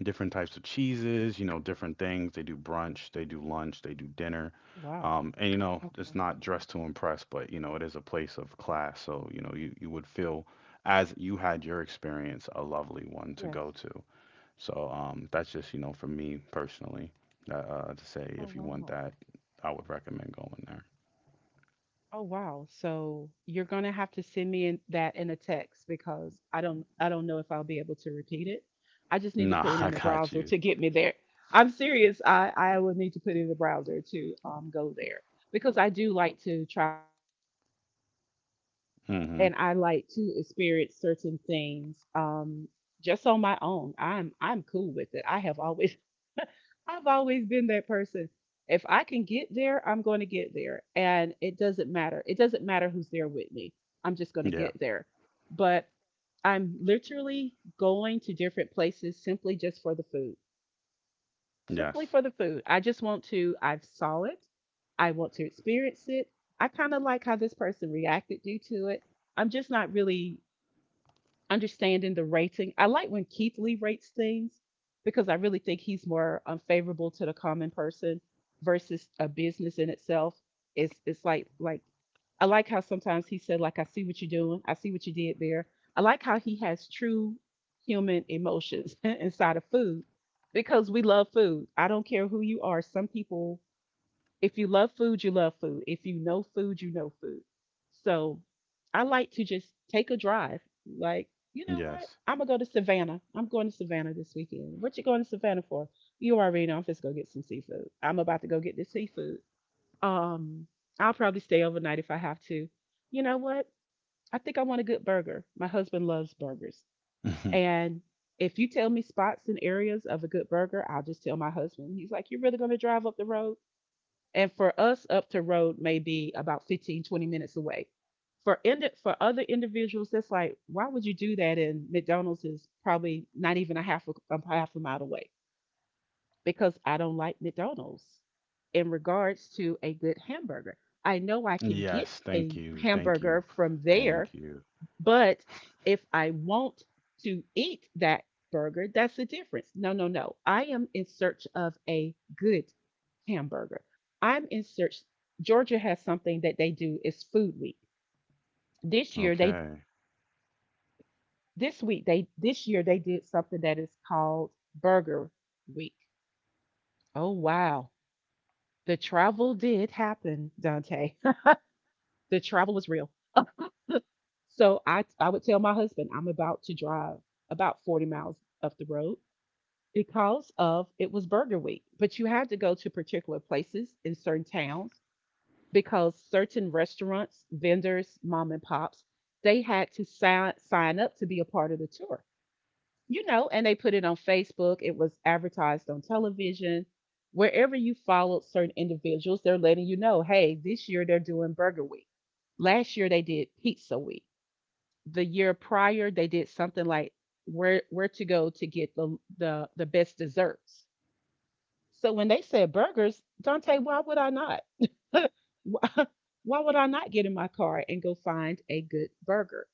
Speaker 2: Different types of cheeses, you know, different things. They do brunch, they do lunch, they do dinner.
Speaker 1: Oh, wow.
Speaker 2: And you know,
Speaker 1: Okay.
Speaker 2: it's not dressed to impress, but you know, it is a place of class. So, you know, you would feel as you had your experience, a lovely one to
Speaker 1: Yes.
Speaker 2: go to. So, that's just, you know, for me personally, to say
Speaker 1: Oh
Speaker 2: if you want
Speaker 1: wow.
Speaker 2: that, I would recommend going there.
Speaker 1: Oh, wow. So you're gonna have to send me in that in a text because I don't know if I'll be able to repeat it. I just need to
Speaker 2: Nah,
Speaker 1: put it
Speaker 2: I
Speaker 1: in the
Speaker 2: got
Speaker 1: browser
Speaker 2: you.
Speaker 1: to get me there. I'm serious. I would need to put it in the browser to go there because I do like to try
Speaker 2: Mm-hmm.
Speaker 1: and I like to experience certain things just on my own. I'm cool with it. I have always I've always been that person. If I can get there, I'm going to get there. And it doesn't matter. It doesn't matter who's there with me. I'm just going to
Speaker 2: Yeah.
Speaker 1: get there. But I'm literally going to different places simply just for the food. Simply
Speaker 2: Yes.
Speaker 1: for the food. I just want to, I saw it. I want to experience it. I kind of like how this person reacted due to it. I'm just not really understanding the rating. I like when Keith Lee rates things because I really think he's more unfavorable to the common person versus a business in itself. It's like I like how sometimes he said like I see what you're doing, I see what you did there. I like how he has true human emotions inside of food because we love food. I don't care who you are. Some people if you love food, you love food. If you know food, you know food. So I like to just take a drive. Like, you know what?
Speaker 2: Yes.
Speaker 1: I'm gonna go to Savannah. I'm going to Savannah this weekend. What you going to Savannah for? You already know I'm just gonna get some seafood. I'm about to go get this seafood. Um, I'll probably stay overnight if I have to. You know what? I think I want a good burger. My husband loves burgers. And if you tell me spots and areas of a good burger, I'll just tell my husband. He's like, you're really gonna drive up the road? And for us, up to road may be about 15, 20 minutes away. For other individuals, that's like, why would you do that? And McDonald's is probably not even a half a mile away because I don't like McDonald's in regards to a good hamburger. I know I can get
Speaker 2: Yes. Thank
Speaker 1: a
Speaker 2: you. Thank you.
Speaker 1: hamburger from there
Speaker 2: Thank you.
Speaker 1: but if I want to eat that burger, that's the difference. No, no, no. I am in search of a good hamburger. I'm in search. Georgia has something that they do is food week. This year they
Speaker 2: Okay.
Speaker 1: this year they did something that is called burger week. Oh wow. The travel did happen, Dante. The travel was real. So I would tell my husband I'm about to drive about 40 miles up the road because of it was Burger Week. But you had to go to particular places in certain towns because certain restaurants, vendors, mom and pops, they had to sign up to be a part of the tour. You know, and they put it on Facebook, it was advertised on television. Wherever you followed certain individuals, they're letting you know, hey, this year they're doing Burger Week. Last year they did Pizza Week. The year prior they did something like where to go to get the best desserts so when they said burgers, Dante, why would I not? why, why would I not get in my car and go find a good burger?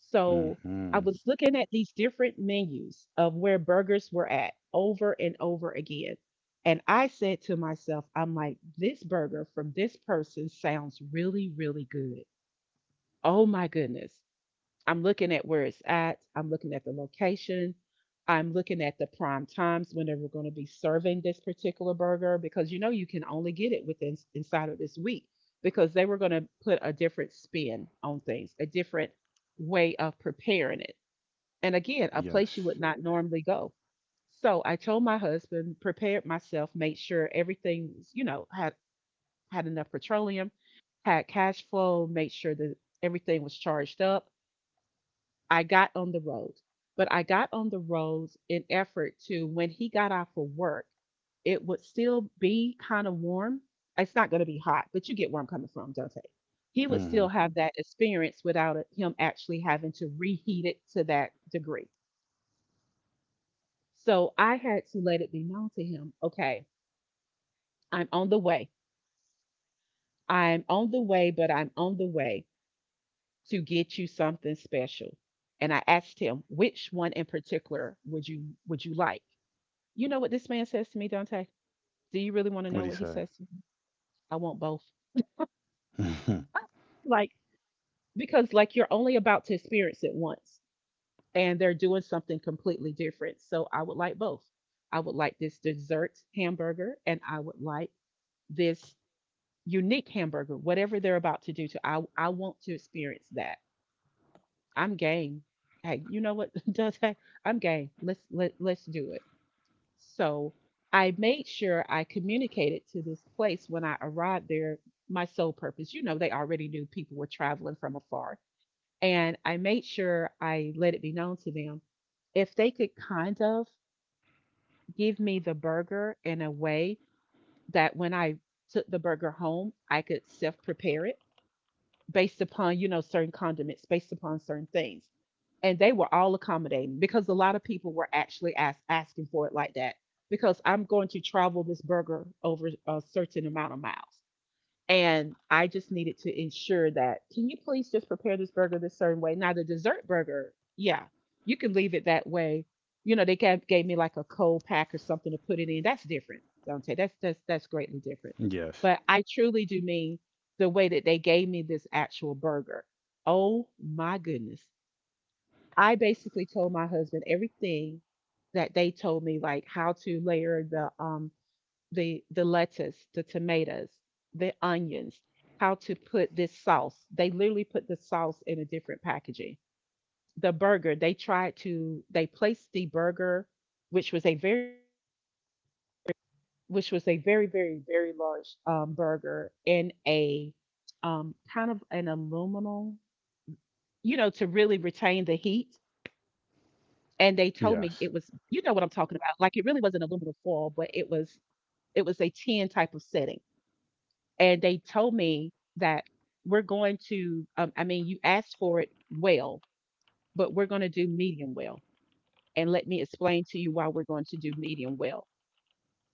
Speaker 1: So I
Speaker 2: Mhm.
Speaker 1: was looking at these different menus of where burgers were at over and over again. And I said to myself, I'm like, this burger from this person sounds really, really good. Oh my goodness. I'm looking at where it's at. I'm looking at the location. I'm looking at the prime times when they were going to be serving this particular burger because you know you can only get it within inside of this week because they were going to put a different spin on things, a different way of preparing it. And again, a place you
Speaker 2: Yes.
Speaker 1: would not normally go. So I told my husband, prepared myself, made sure everything was, you know, had enough petroleum, had cash flow, made sure that everything was charged up. I got on the road, but I got on the roads in effort to when he got off of work, it would still be kind of warm. It's not going to be hot, but you get where I'm coming from, Dante. He would still
Speaker 2: Mhm.
Speaker 1: have that experience without it, him actually having to reheat it to that degree. So I had to let it be known to him okay, I'm on the way. I'm on the way, but I'm on the way to get you something special. And I asked him, which one in particular would you like? You know what this man says to me, Dante? Do you really wanna
Speaker 2: What
Speaker 1: know
Speaker 2: do you
Speaker 1: what he
Speaker 2: say?
Speaker 1: says to me? "I want both."
Speaker 2: Mhm.
Speaker 1: Like, because, like, you're only about to experience it once, and they're doing something completely different, so I would like both. I would like this dessert hamburger, and I would like this unique hamburger, whatever they're about to do to I want to experience that. I'm game. Hey, you know what, Dante? I'm game. Let's let's do it. So I made sure I communicated to this place when I arrived there my sole purpose. You know, they already knew people were traveling from afar. And I made sure I let it be known to them if they could kind of give me the burger in a way that when I took the burger home, I could self prepare it based upon, you know, certain condiments, based upon certain things. And they were all accommodating because a lot of people were actually asking for it like that because I'm going to travel this burger over a certain amount of miles. And I just needed to ensure that, can you please just prepare this burger this certain way? Now, the dessert burger, yeah, you can leave it that way. You know, gave me like a cold pack or something to put it in. That's different. Don't say that's greatly different.
Speaker 2: Yes.
Speaker 1: But I truly do mean the way that they gave me this actual burger. Oh my goodness. I basically told my husband everything that they told me, like how to layer the lettuce, the tomatoes, the onions, how to put this sauce. They literally put the sauce in a different packaging. The burger, they tried to they placed the burger, which was a very very large burger in a kind of an aluminum, you know, to really retain the heat. And they told me it was, you know, what I'm
Speaker 2: Yes.
Speaker 1: talking about. Like it really was an aluminum foil, but it was a tin type of setting and they told me that we're going to I mean you asked for it well but we're going to do medium well and let me explain to you why we're going to do medium well.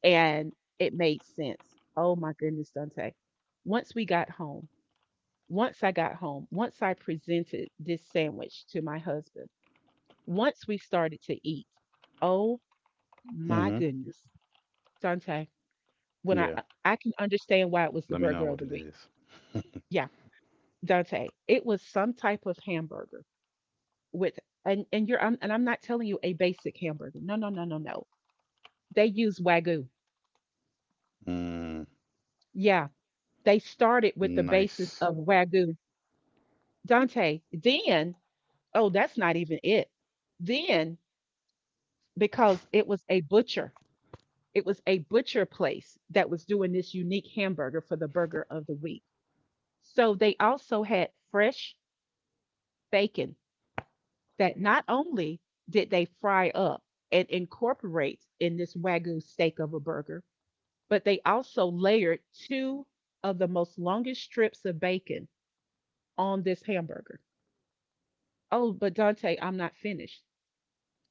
Speaker 1: And it made sense. Oh my goodness, Dante, once we got home, once I got home, once I presented this sandwich to my husband, once we started to eat, oh my
Speaker 2: Mhm.
Speaker 1: goodness, Dante, when
Speaker 2: Yeah.
Speaker 1: I can understand why it was the
Speaker 2: Let me know
Speaker 1: burger of
Speaker 2: what
Speaker 1: the
Speaker 2: it
Speaker 1: week.
Speaker 2: is.
Speaker 1: Yeah, Dante, it was some type of hamburger with and you're and I'm not telling you a basic hamburger. No, no, no, no, no. They use wagyu.
Speaker 2: Mm.
Speaker 1: Yeah, they started with the basis
Speaker 2: Nice.
Speaker 1: of wagyu. Dante, then oh, that's not even it. Then because it was a butcher, it was a butcher place that was doing this unique hamburger for the burger of the week. So they also had fresh bacon that not only did they fry up and incorporate in this Wagyu steak of a burger, but they also layered two of the most longest strips of bacon on this hamburger. Oh, but Dante, I'm not finished.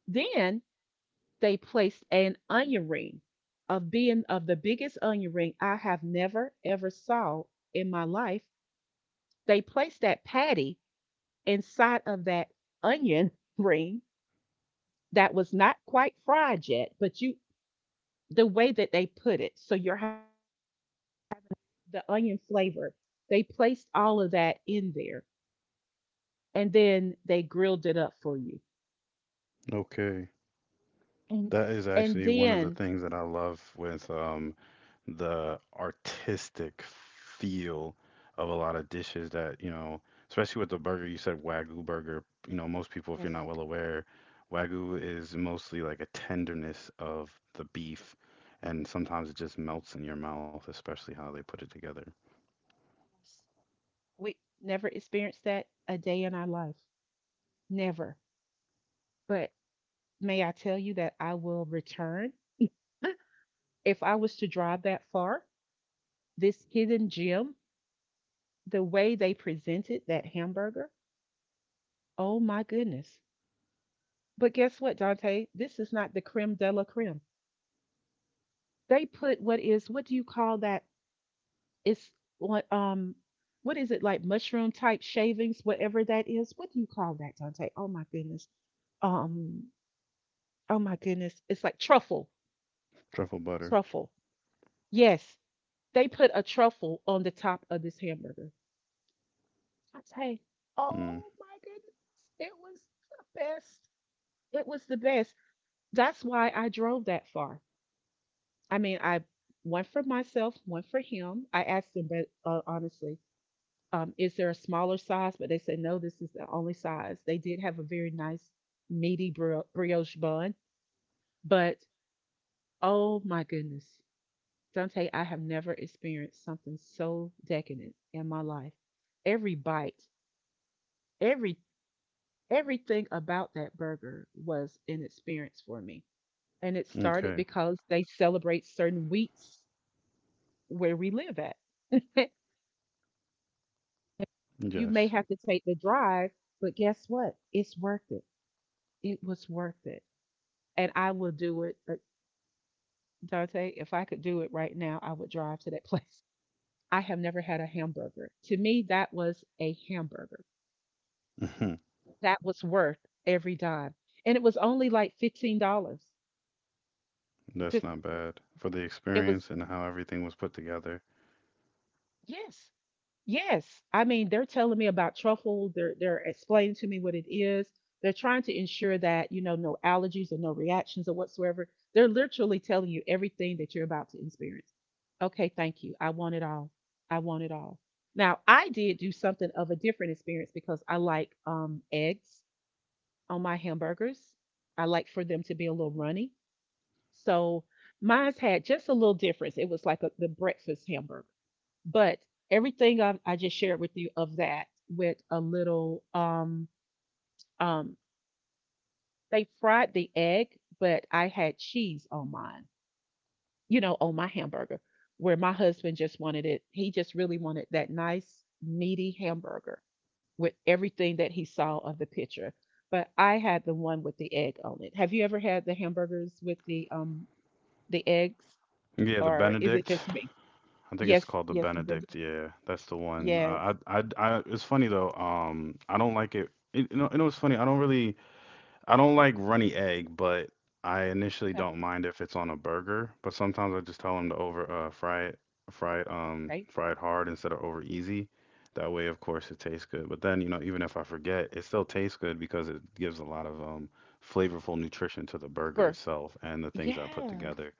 Speaker 1: Then they placed an onion ring of being of the biggest onion ring I have never ever saw in my life. They placed that patty inside of that onion ring that was not quite fried yet, but you the way that they put it, so you're ha- the onion flavor, they placed all of that in there and then they grilled it up for you.
Speaker 2: Okay.
Speaker 1: And And
Speaker 2: That
Speaker 1: then,
Speaker 2: is actually one of the things that I love with the artistic feel of a lot of dishes that, you know, especially with the burger, you said Wagyu burger. You know, most people, if you're
Speaker 1: yes,
Speaker 2: not well aware, Wagyu is mostly like a tenderness of the beef, and sometimes it just melts in your mouth, especially how they put it together.
Speaker 1: yes, we never experienced that a day in our life. Never. But may I tell you that I will return? If I was to drive that far, this hidden gem, the way they presented that hamburger, oh my goodness. But guess what, Dante? This is not the creme de la creme. They put what is what do you call that? It's what um what is it, like mushroom type shavings, whatever that is. What do you call that, Dante? Oh my goodness. Um oh my goodness. It's like truffle.
Speaker 2: Truffle butter.
Speaker 1: Truffle. Yes. They put a truffle on the top of this hamburger. I say,
Speaker 2: Mm,
Speaker 1: oh my goodness. It was the best. It was the best. That's why I drove that far. I mean, I one for myself, one for him. I asked him, but honestly. Is there a smaller size? But they said, no, this is the only size. They did have a very nice meaty brioche bun, but oh my goodness, Dante, I have never experienced something so decadent in my life. Every bite, every everything about that burger was an experience for me. And it started
Speaker 2: okay.
Speaker 1: because they celebrate certain weeks where we live at. You may
Speaker 2: Yes.
Speaker 1: have to take the drive, but guess what? It's worth it. It was worth it. And I will do it, Dante. If I could do it right now, I would drive to that place. I have never had a hamburger. To me, that was a hamburger.
Speaker 2: Mhm.
Speaker 1: That was worth every dime. And it was only like $15.
Speaker 2: That's
Speaker 1: Just,
Speaker 2: not bad for the
Speaker 1: it was,
Speaker 2: experience and how everything was put together.
Speaker 1: yes. Yes. I mean, they're telling me about truffle. They're explaining to me what it is. They're trying to ensure that, you know, no allergies or no reactions or whatsoever. They're literally telling you everything that you're about to experience. Okay, thank you. I want it all. I want it all. Now, I did do something of a different experience because I like eggs on my hamburgers. I like for them to be a little runny. So mine's had just a little difference. It was like the breakfast hamburger, but everything I just shared with you of that with a little um they fried the egg, but I had cheese on mine. You know, on my hamburger, where my husband just wanted it. He just really wanted that nice meaty hamburger with everything that he saw of the picture. But I had the one with the egg on it. Have you ever had the hamburgers with the eggs,
Speaker 2: Yeah, the
Speaker 1: or is it
Speaker 2: Benedict.
Speaker 1: just me?
Speaker 2: I think it's
Speaker 1: Yes,
Speaker 2: called the
Speaker 1: yes, you've been to.
Speaker 2: Benedict. Yeah, that's the one.
Speaker 1: Yes.
Speaker 2: It's funny though. I don't like it. You know, it's funny. I don't like runny egg, but I initially
Speaker 1: Okay,
Speaker 2: don't mind if it's on a burger. But sometimes I just tell them to over fry
Speaker 1: okay.
Speaker 2: fry it hard instead of over easy. That way, of course, it tastes good. But then, you know, even if I forget, it still tastes good because it gives a lot of flavorful nutrition to the burger
Speaker 1: Uber.
Speaker 2: itself and the things I put
Speaker 1: Yes,
Speaker 2: together.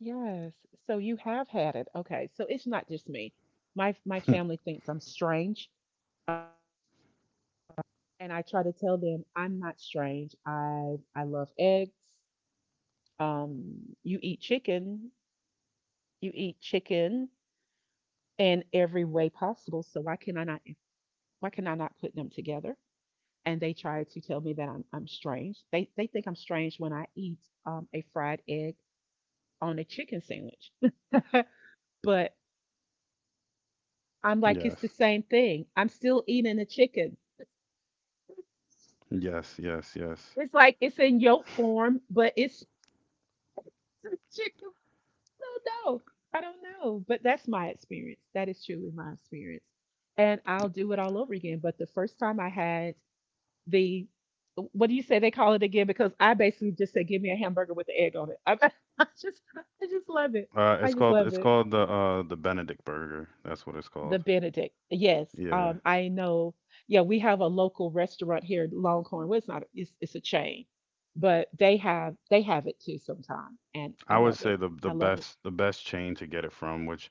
Speaker 1: yes. So you have had it. Okay. So it's not just me. My family thinks I'm strange, and I try to tell them I'm not strange. I love eggs. You eat chicken. You eat chicken in every way possible. So why can I not, why can I not put them together? And they try to tell me that I'm strange. They think I'm strange when I eat a fried egg on a chicken sandwich. But I'm like, it's the
Speaker 2: Yes,
Speaker 1: same thing. I'm still eating a chicken.
Speaker 2: yes.
Speaker 1: It's like it's in yolk form, but it's a chicken. No, no, I don't know. But that's my experience. That is truly my experience. And I'll do it all over again. But the first time I had the, what do you say they call it again? Because I basically just said, give me a hamburger with the egg on it. I just, I just love it. I
Speaker 2: It's
Speaker 1: just
Speaker 2: called
Speaker 1: love it.
Speaker 2: the Benedict Burger. That's what it's
Speaker 1: The
Speaker 2: called.
Speaker 1: Benedict. Yes,
Speaker 2: Yeah,
Speaker 1: I know. Yeah, we have a local restaurant here, Longhorn. Well, it's not. It's a chain, but they have it too sometimes, and I
Speaker 2: I would
Speaker 1: love it.
Speaker 2: say the
Speaker 1: I love it.
Speaker 2: the best chain to get it from, which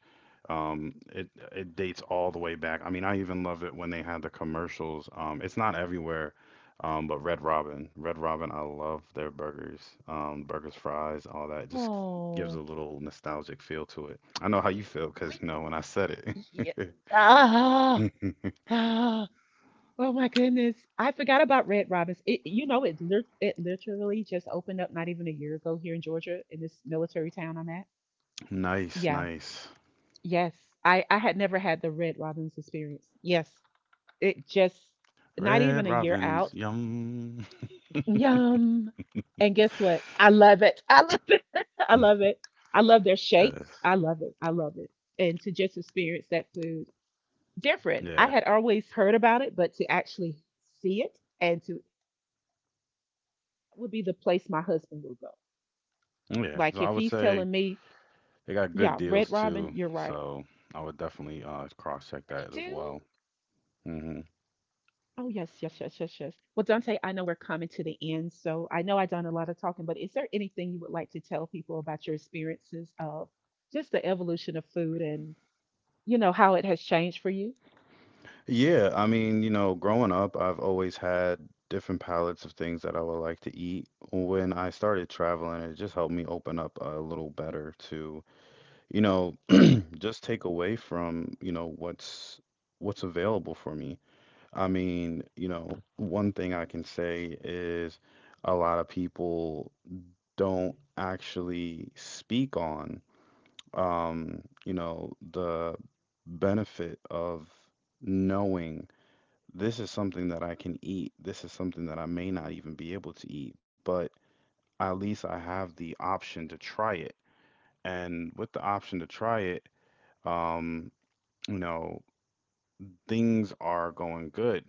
Speaker 2: it dates all the way back. I mean, I even love it when they had the commercials. It's not everywhere, but Red Robin. I love their burgers, burgers, fries, all that. It just gives a
Speaker 1: Oh,
Speaker 2: little nostalgic feel to it. I know how you feel because
Speaker 1: we.
Speaker 2: you know when I said
Speaker 1: Yeah.
Speaker 2: it.
Speaker 1: Ah, ah, oh my goodness! I forgot about Red Robins. It, you know, it it literally just opened up not even a year ago here in Georgia in this military town I'm at.
Speaker 2: Nice,
Speaker 1: Yeah.
Speaker 2: nice.
Speaker 1: Yes. I had never had the Red Robins experience. Yes. It just not
Speaker 2: Red
Speaker 1: even a year
Speaker 2: Robin's
Speaker 1: out.
Speaker 2: yum.
Speaker 1: Yum. And guess what? I love it. I love it. I love it. I love their
Speaker 2: Yeah.
Speaker 1: shakes. I love it. I love it. And to just experience that food different. I
Speaker 2: Yeah.
Speaker 1: had always heard about it, but to actually see it and to would be the place my husband will go. Like
Speaker 2: Yeah.
Speaker 1: if
Speaker 2: So I
Speaker 1: he's
Speaker 2: would
Speaker 1: telling
Speaker 2: say
Speaker 1: me,
Speaker 2: they
Speaker 1: yeah,
Speaker 2: got
Speaker 1: Red
Speaker 2: good
Speaker 1: Robin,
Speaker 2: deals
Speaker 1: you're right.
Speaker 2: too. So I would definitely
Speaker 1: They
Speaker 2: cross
Speaker 1: do.
Speaker 2: check that as well. Hmm.
Speaker 1: Oh, yes, yes, yes, yes, yes. Well, Dante, I know we're coming to the end, so I know I've done a lot of talking, but is there anything you would like to tell people about your experiences of just the evolution of food and, you know, how it has changed for you?
Speaker 2: Yeah, I mean, you know, growing up, I've always had different palettes of things that I would like to eat. When I started traveling, it just helped me open up a little better to, you know, just take away from, you know, what's available for me. I mean, you know, one thing I can say is a lot of people don't actually speak on you know, the benefit of knowing this is something that I can eat, this is something that I may not even be able to eat, but at least I have the option to try it. And with the option to try it, um, you know, things are going good.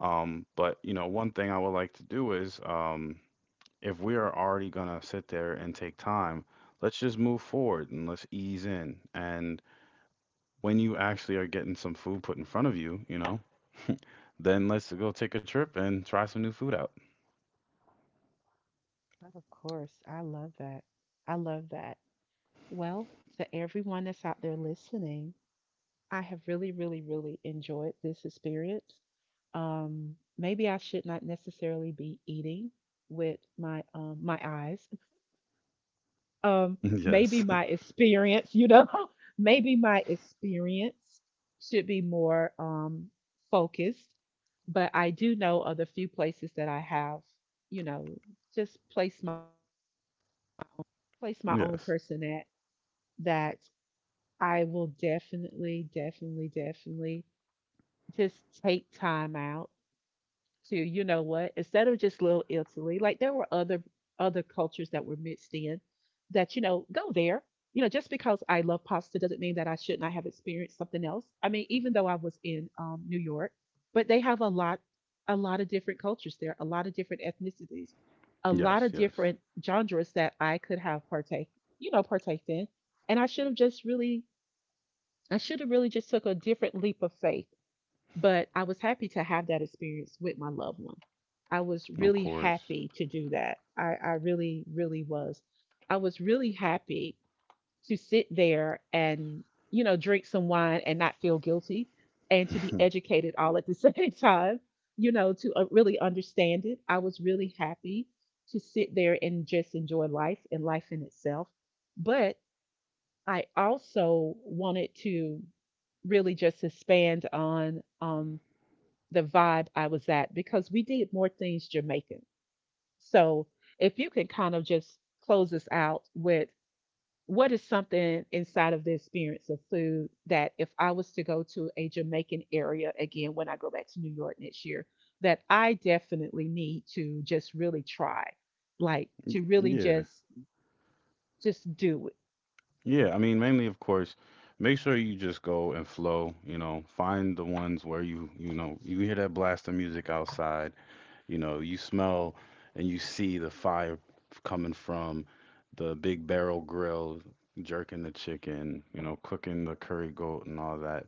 Speaker 2: But you know, one thing I would like to do is if we are already going to sit there and take time, let's just move forward and let's ease in. And when you actually are getting some food put in front of you, you know, then let's go take a trip and try some new food out.
Speaker 1: But of course, I love that. I love that. Well, to everyone that's out there listening, I have really, really, really enjoyed this experience. Maybe I should not necessarily be eating with my my eyes. Um, Maybe
Speaker 2: Yes.
Speaker 1: my experience, you know, maybe my experience should be more focused. But I do know of the few places that I have, you know, just place my own
Speaker 2: Yes.
Speaker 1: person at, that I will definitely, definitely, definitely just take time out to, you know what, instead of just little Italy, like there were other cultures that were mixed in that, you know, go there. You know, just because I love pasta doesn't mean that I should not have experienced something else. I mean, even though I was in New York, but they have a lot of different cultures there, a lot of different ethnicities, a
Speaker 2: Yes.
Speaker 1: lot of
Speaker 2: Yes.
Speaker 1: different genres that I could have partake, you know, partaked in. And I should have just really, I should have really just took a different leap of faith, but I was happy to have that experience with my loved one. I was
Speaker 2: Of
Speaker 1: really
Speaker 2: course.
Speaker 1: happy to do that. I really, really was. I was really happy to sit there and, you know, drink some wine and not feel guilty and to be educated all at the same time, you know, to really understand it. I was really happy to sit there and just enjoy life and life in itself. But I also wanted to really just expand on the vibe I was at because we did more things Jamaican. So if you can kind of just close us out with what is something inside of the experience of food that if I was to go to a Jamaican area again when I go back to New York next year, that I definitely need to just really try, like to really
Speaker 2: Yeah.
Speaker 1: just do it.
Speaker 2: Yeah. I mean, mainly, of course, make sure you just go and flow, you know, find the ones where you know, you hear that blast of music outside. You know, you smell and you see the fire coming from the big barrel grill, jerking the chicken, you know, cooking the curry goat and all that.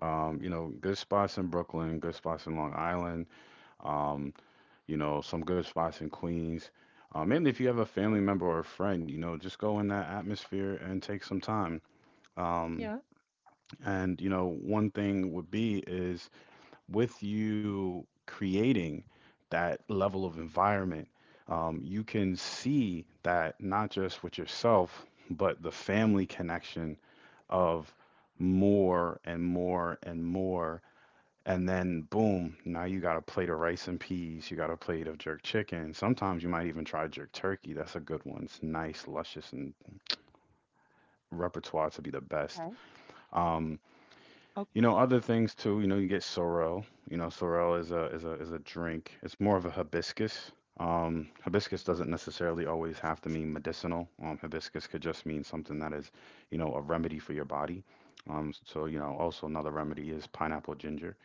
Speaker 2: You know, good spots in Brooklyn, good spots in Long Island, um, you know, some good spots in Queens. And if you have a family
Speaker 1: Okay.
Speaker 2: member or a friend, you know, just go in that atmosphere and take some time. Um,
Speaker 1: Yeah.
Speaker 2: and you know, one thing would be is with you creating that level of environment, you can see that not just with yourself, but the family connection of more and more and more. And then boom, now you got a plate of rice and peas, you got a plate of jerk chicken. Sometimes you might even try jerk turkey. That's a good one. It's nice, luscious, and repertoire
Speaker 1: Okay.
Speaker 2: to be the best. Um,
Speaker 1: Okay.
Speaker 2: you know, other things too, you know, you get sorrel. You know, sorrel is a is a is a drink. It's more of a hibiscus. Hibiscus doesn't necessarily always have to mean medicinal. Hibiscus could just mean something that is, you know, a remedy for your body. So, you know, also another remedy is pineapple ginger.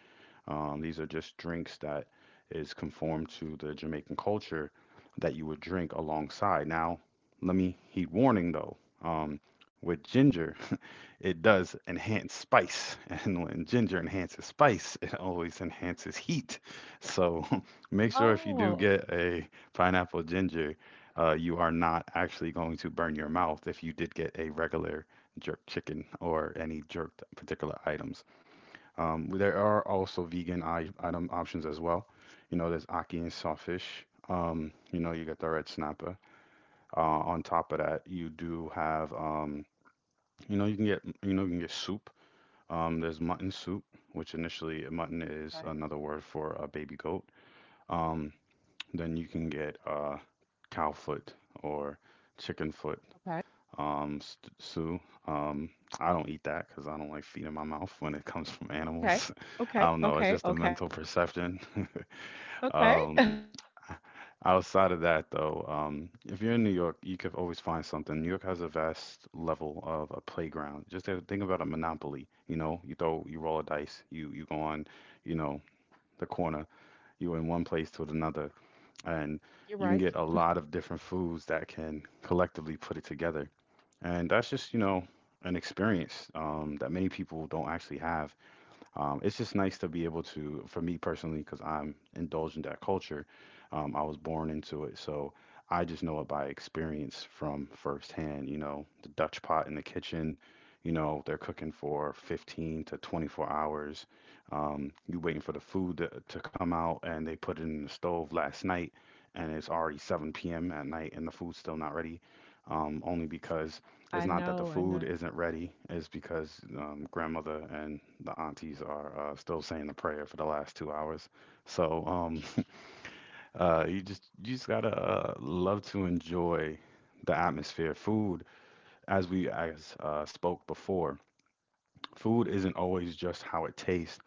Speaker 2: These are just drinks that is conformed to the Jamaican culture that you would drink alongside. Now, let me heed warning though. With ginger, it does enhance spice, and when ginger enhances spice, it always enhances heat. So make sure if you do
Speaker 1: Oh,
Speaker 2: get a pineapple ginger, you are not actually going to burn your mouth if you did get a regular jerk chicken or any jerked particular items. There are also vegan I item options as well. You know, there's aki and sawfish. You know, you got the red snapper. On top of that, you do have, you know, you can get, you know, you can get soup. There's mutton soup, which initially mutton is
Speaker 1: okay.
Speaker 2: another word for a baby goat. Um, then you can get cow foot or chicken foot
Speaker 1: Okay.
Speaker 2: um, stew. Um, I don't eat that because I don't like feet in my mouth when it comes from
Speaker 1: Okay.
Speaker 2: animals. I
Speaker 1: Okay.
Speaker 2: don't know. It's
Speaker 1: Okay.
Speaker 2: just a
Speaker 1: Okay.
Speaker 2: mental perception.
Speaker 1: Okay.
Speaker 2: um, Outside of that, though, if you're in New York, you could always find something. New York has a vast level of a playground. Just to think about a monopoly. You know, you throw, you roll a dice, you go on, you know, the corner, you are in one place to another, and
Speaker 1: You're
Speaker 2: you can
Speaker 1: right.
Speaker 2: get a lot of different foods that can collectively put it together. And that's just, you know, an experience that many people don't actually have. It's just nice to be able to, for me personally, because I'm indulged in that culture. I was born into it, so I just know it by experience from firsthand. You know, the Dutch pot in the kitchen. You know, they're cooking for 15 to 24 hours. You waiting for the food to come out, and they put it in the stove last night, and it's already 7 p.m. at night, and the food's still not ready. Only because
Speaker 1: I
Speaker 2: it's not that the
Speaker 1: know. I know.
Speaker 2: food isn't ready, it's because grandmother and the aunties are still saying the prayer for the last 2 hours. So you just gotta love to enjoy the atmosphere. Food, as we as spoke before, food isn't always just how it tastes.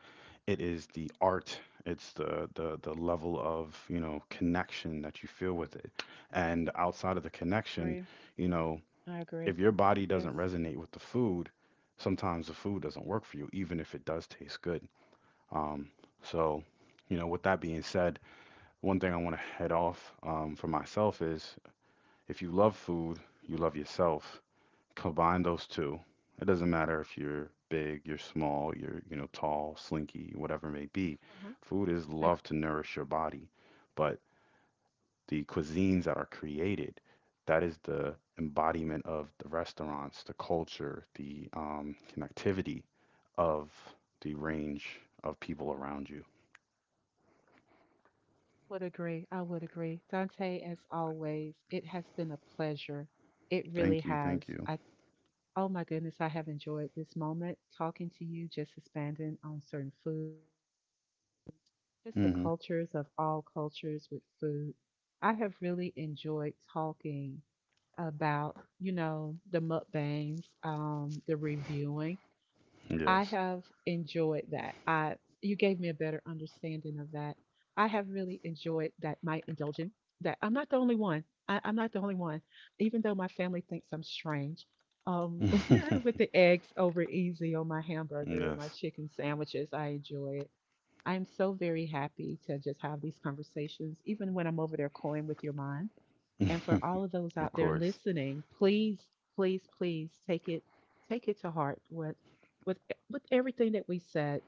Speaker 2: It is the art. It's the level of you know connection that you feel with it, and outside of the connection,
Speaker 1: Agree.
Speaker 2: you know
Speaker 1: I agree.
Speaker 2: if your body
Speaker 1: Yes.
Speaker 2: doesn't resonate with the food, sometimes the food doesn't work for you, even if it does taste good. Um, so, you know, with that being said, one thing I want to head off for myself is if you love food, you love yourself. Combine those two. It doesn't matter if you're big, you're small, you're, you know, tall, slinky, whatever it may be.
Speaker 1: Uh-huh.
Speaker 2: Food is
Speaker 1: I
Speaker 2: love
Speaker 1: agree.
Speaker 2: to nourish your body. But the cuisines that are created, that is the embodiment of the restaurants, the culture, the connectivity of the range of people around you.
Speaker 1: Would agree. I would agree. Dante, as always, it has been a pleasure. It really
Speaker 2: Thank you, thank
Speaker 1: has.
Speaker 2: you.
Speaker 1: I oh my goodness, I have enjoyed this moment talking to you, just expanding on certain food, just the
Speaker 2: Hmm.
Speaker 1: cultures of all cultures with food. I have really enjoyed talking about, you know, the mukbangs, the reviewing. I have enjoyed
Speaker 2: Yes.
Speaker 1: that. I you gave me a better understanding of that. I have really enjoyed that my indulging that I'm not the only one. I'm not the only one. Even though my family thinks I'm strange. Um with the eggs over easy on my hamburger and my
Speaker 2: Yes.
Speaker 1: chicken sandwiches, I enjoy it. I'm so very happy to just have these conversations, even when I'm over there coying with your mind, and for all of those
Speaker 2: Of
Speaker 1: out there
Speaker 2: course.
Speaker 1: listening, please, please, please take it, take it to heart what with with everything that we said.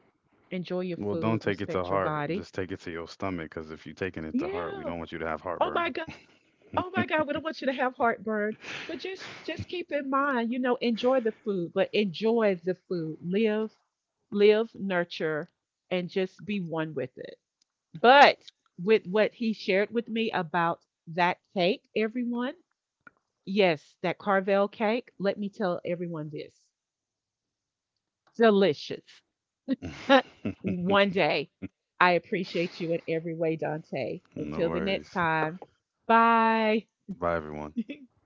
Speaker 1: Enjoy your
Speaker 2: Well, don't
Speaker 1: food,
Speaker 2: take it to
Speaker 1: respect your
Speaker 2: heart.
Speaker 1: body.
Speaker 2: Just take it to your stomach, because if you're taking it to heart, we
Speaker 1: Yeah.
Speaker 2: don't want you to have
Speaker 1: Oh my
Speaker 2: heartburn.
Speaker 1: God. Oh my God. We don't want you to have heartburn. But just keep in mind, you know, enjoy the food, but enjoy the food. Live, live, nurture, and just be one with it. But with what he shared with me about that cake, everyone, yes, that Carvel cake, let me tell everyone this. Delicious. One day. I appreciate you in every way, Dante.
Speaker 2: No
Speaker 1: Until the next
Speaker 2: worries.
Speaker 1: time. Bye.
Speaker 2: Bye, everyone.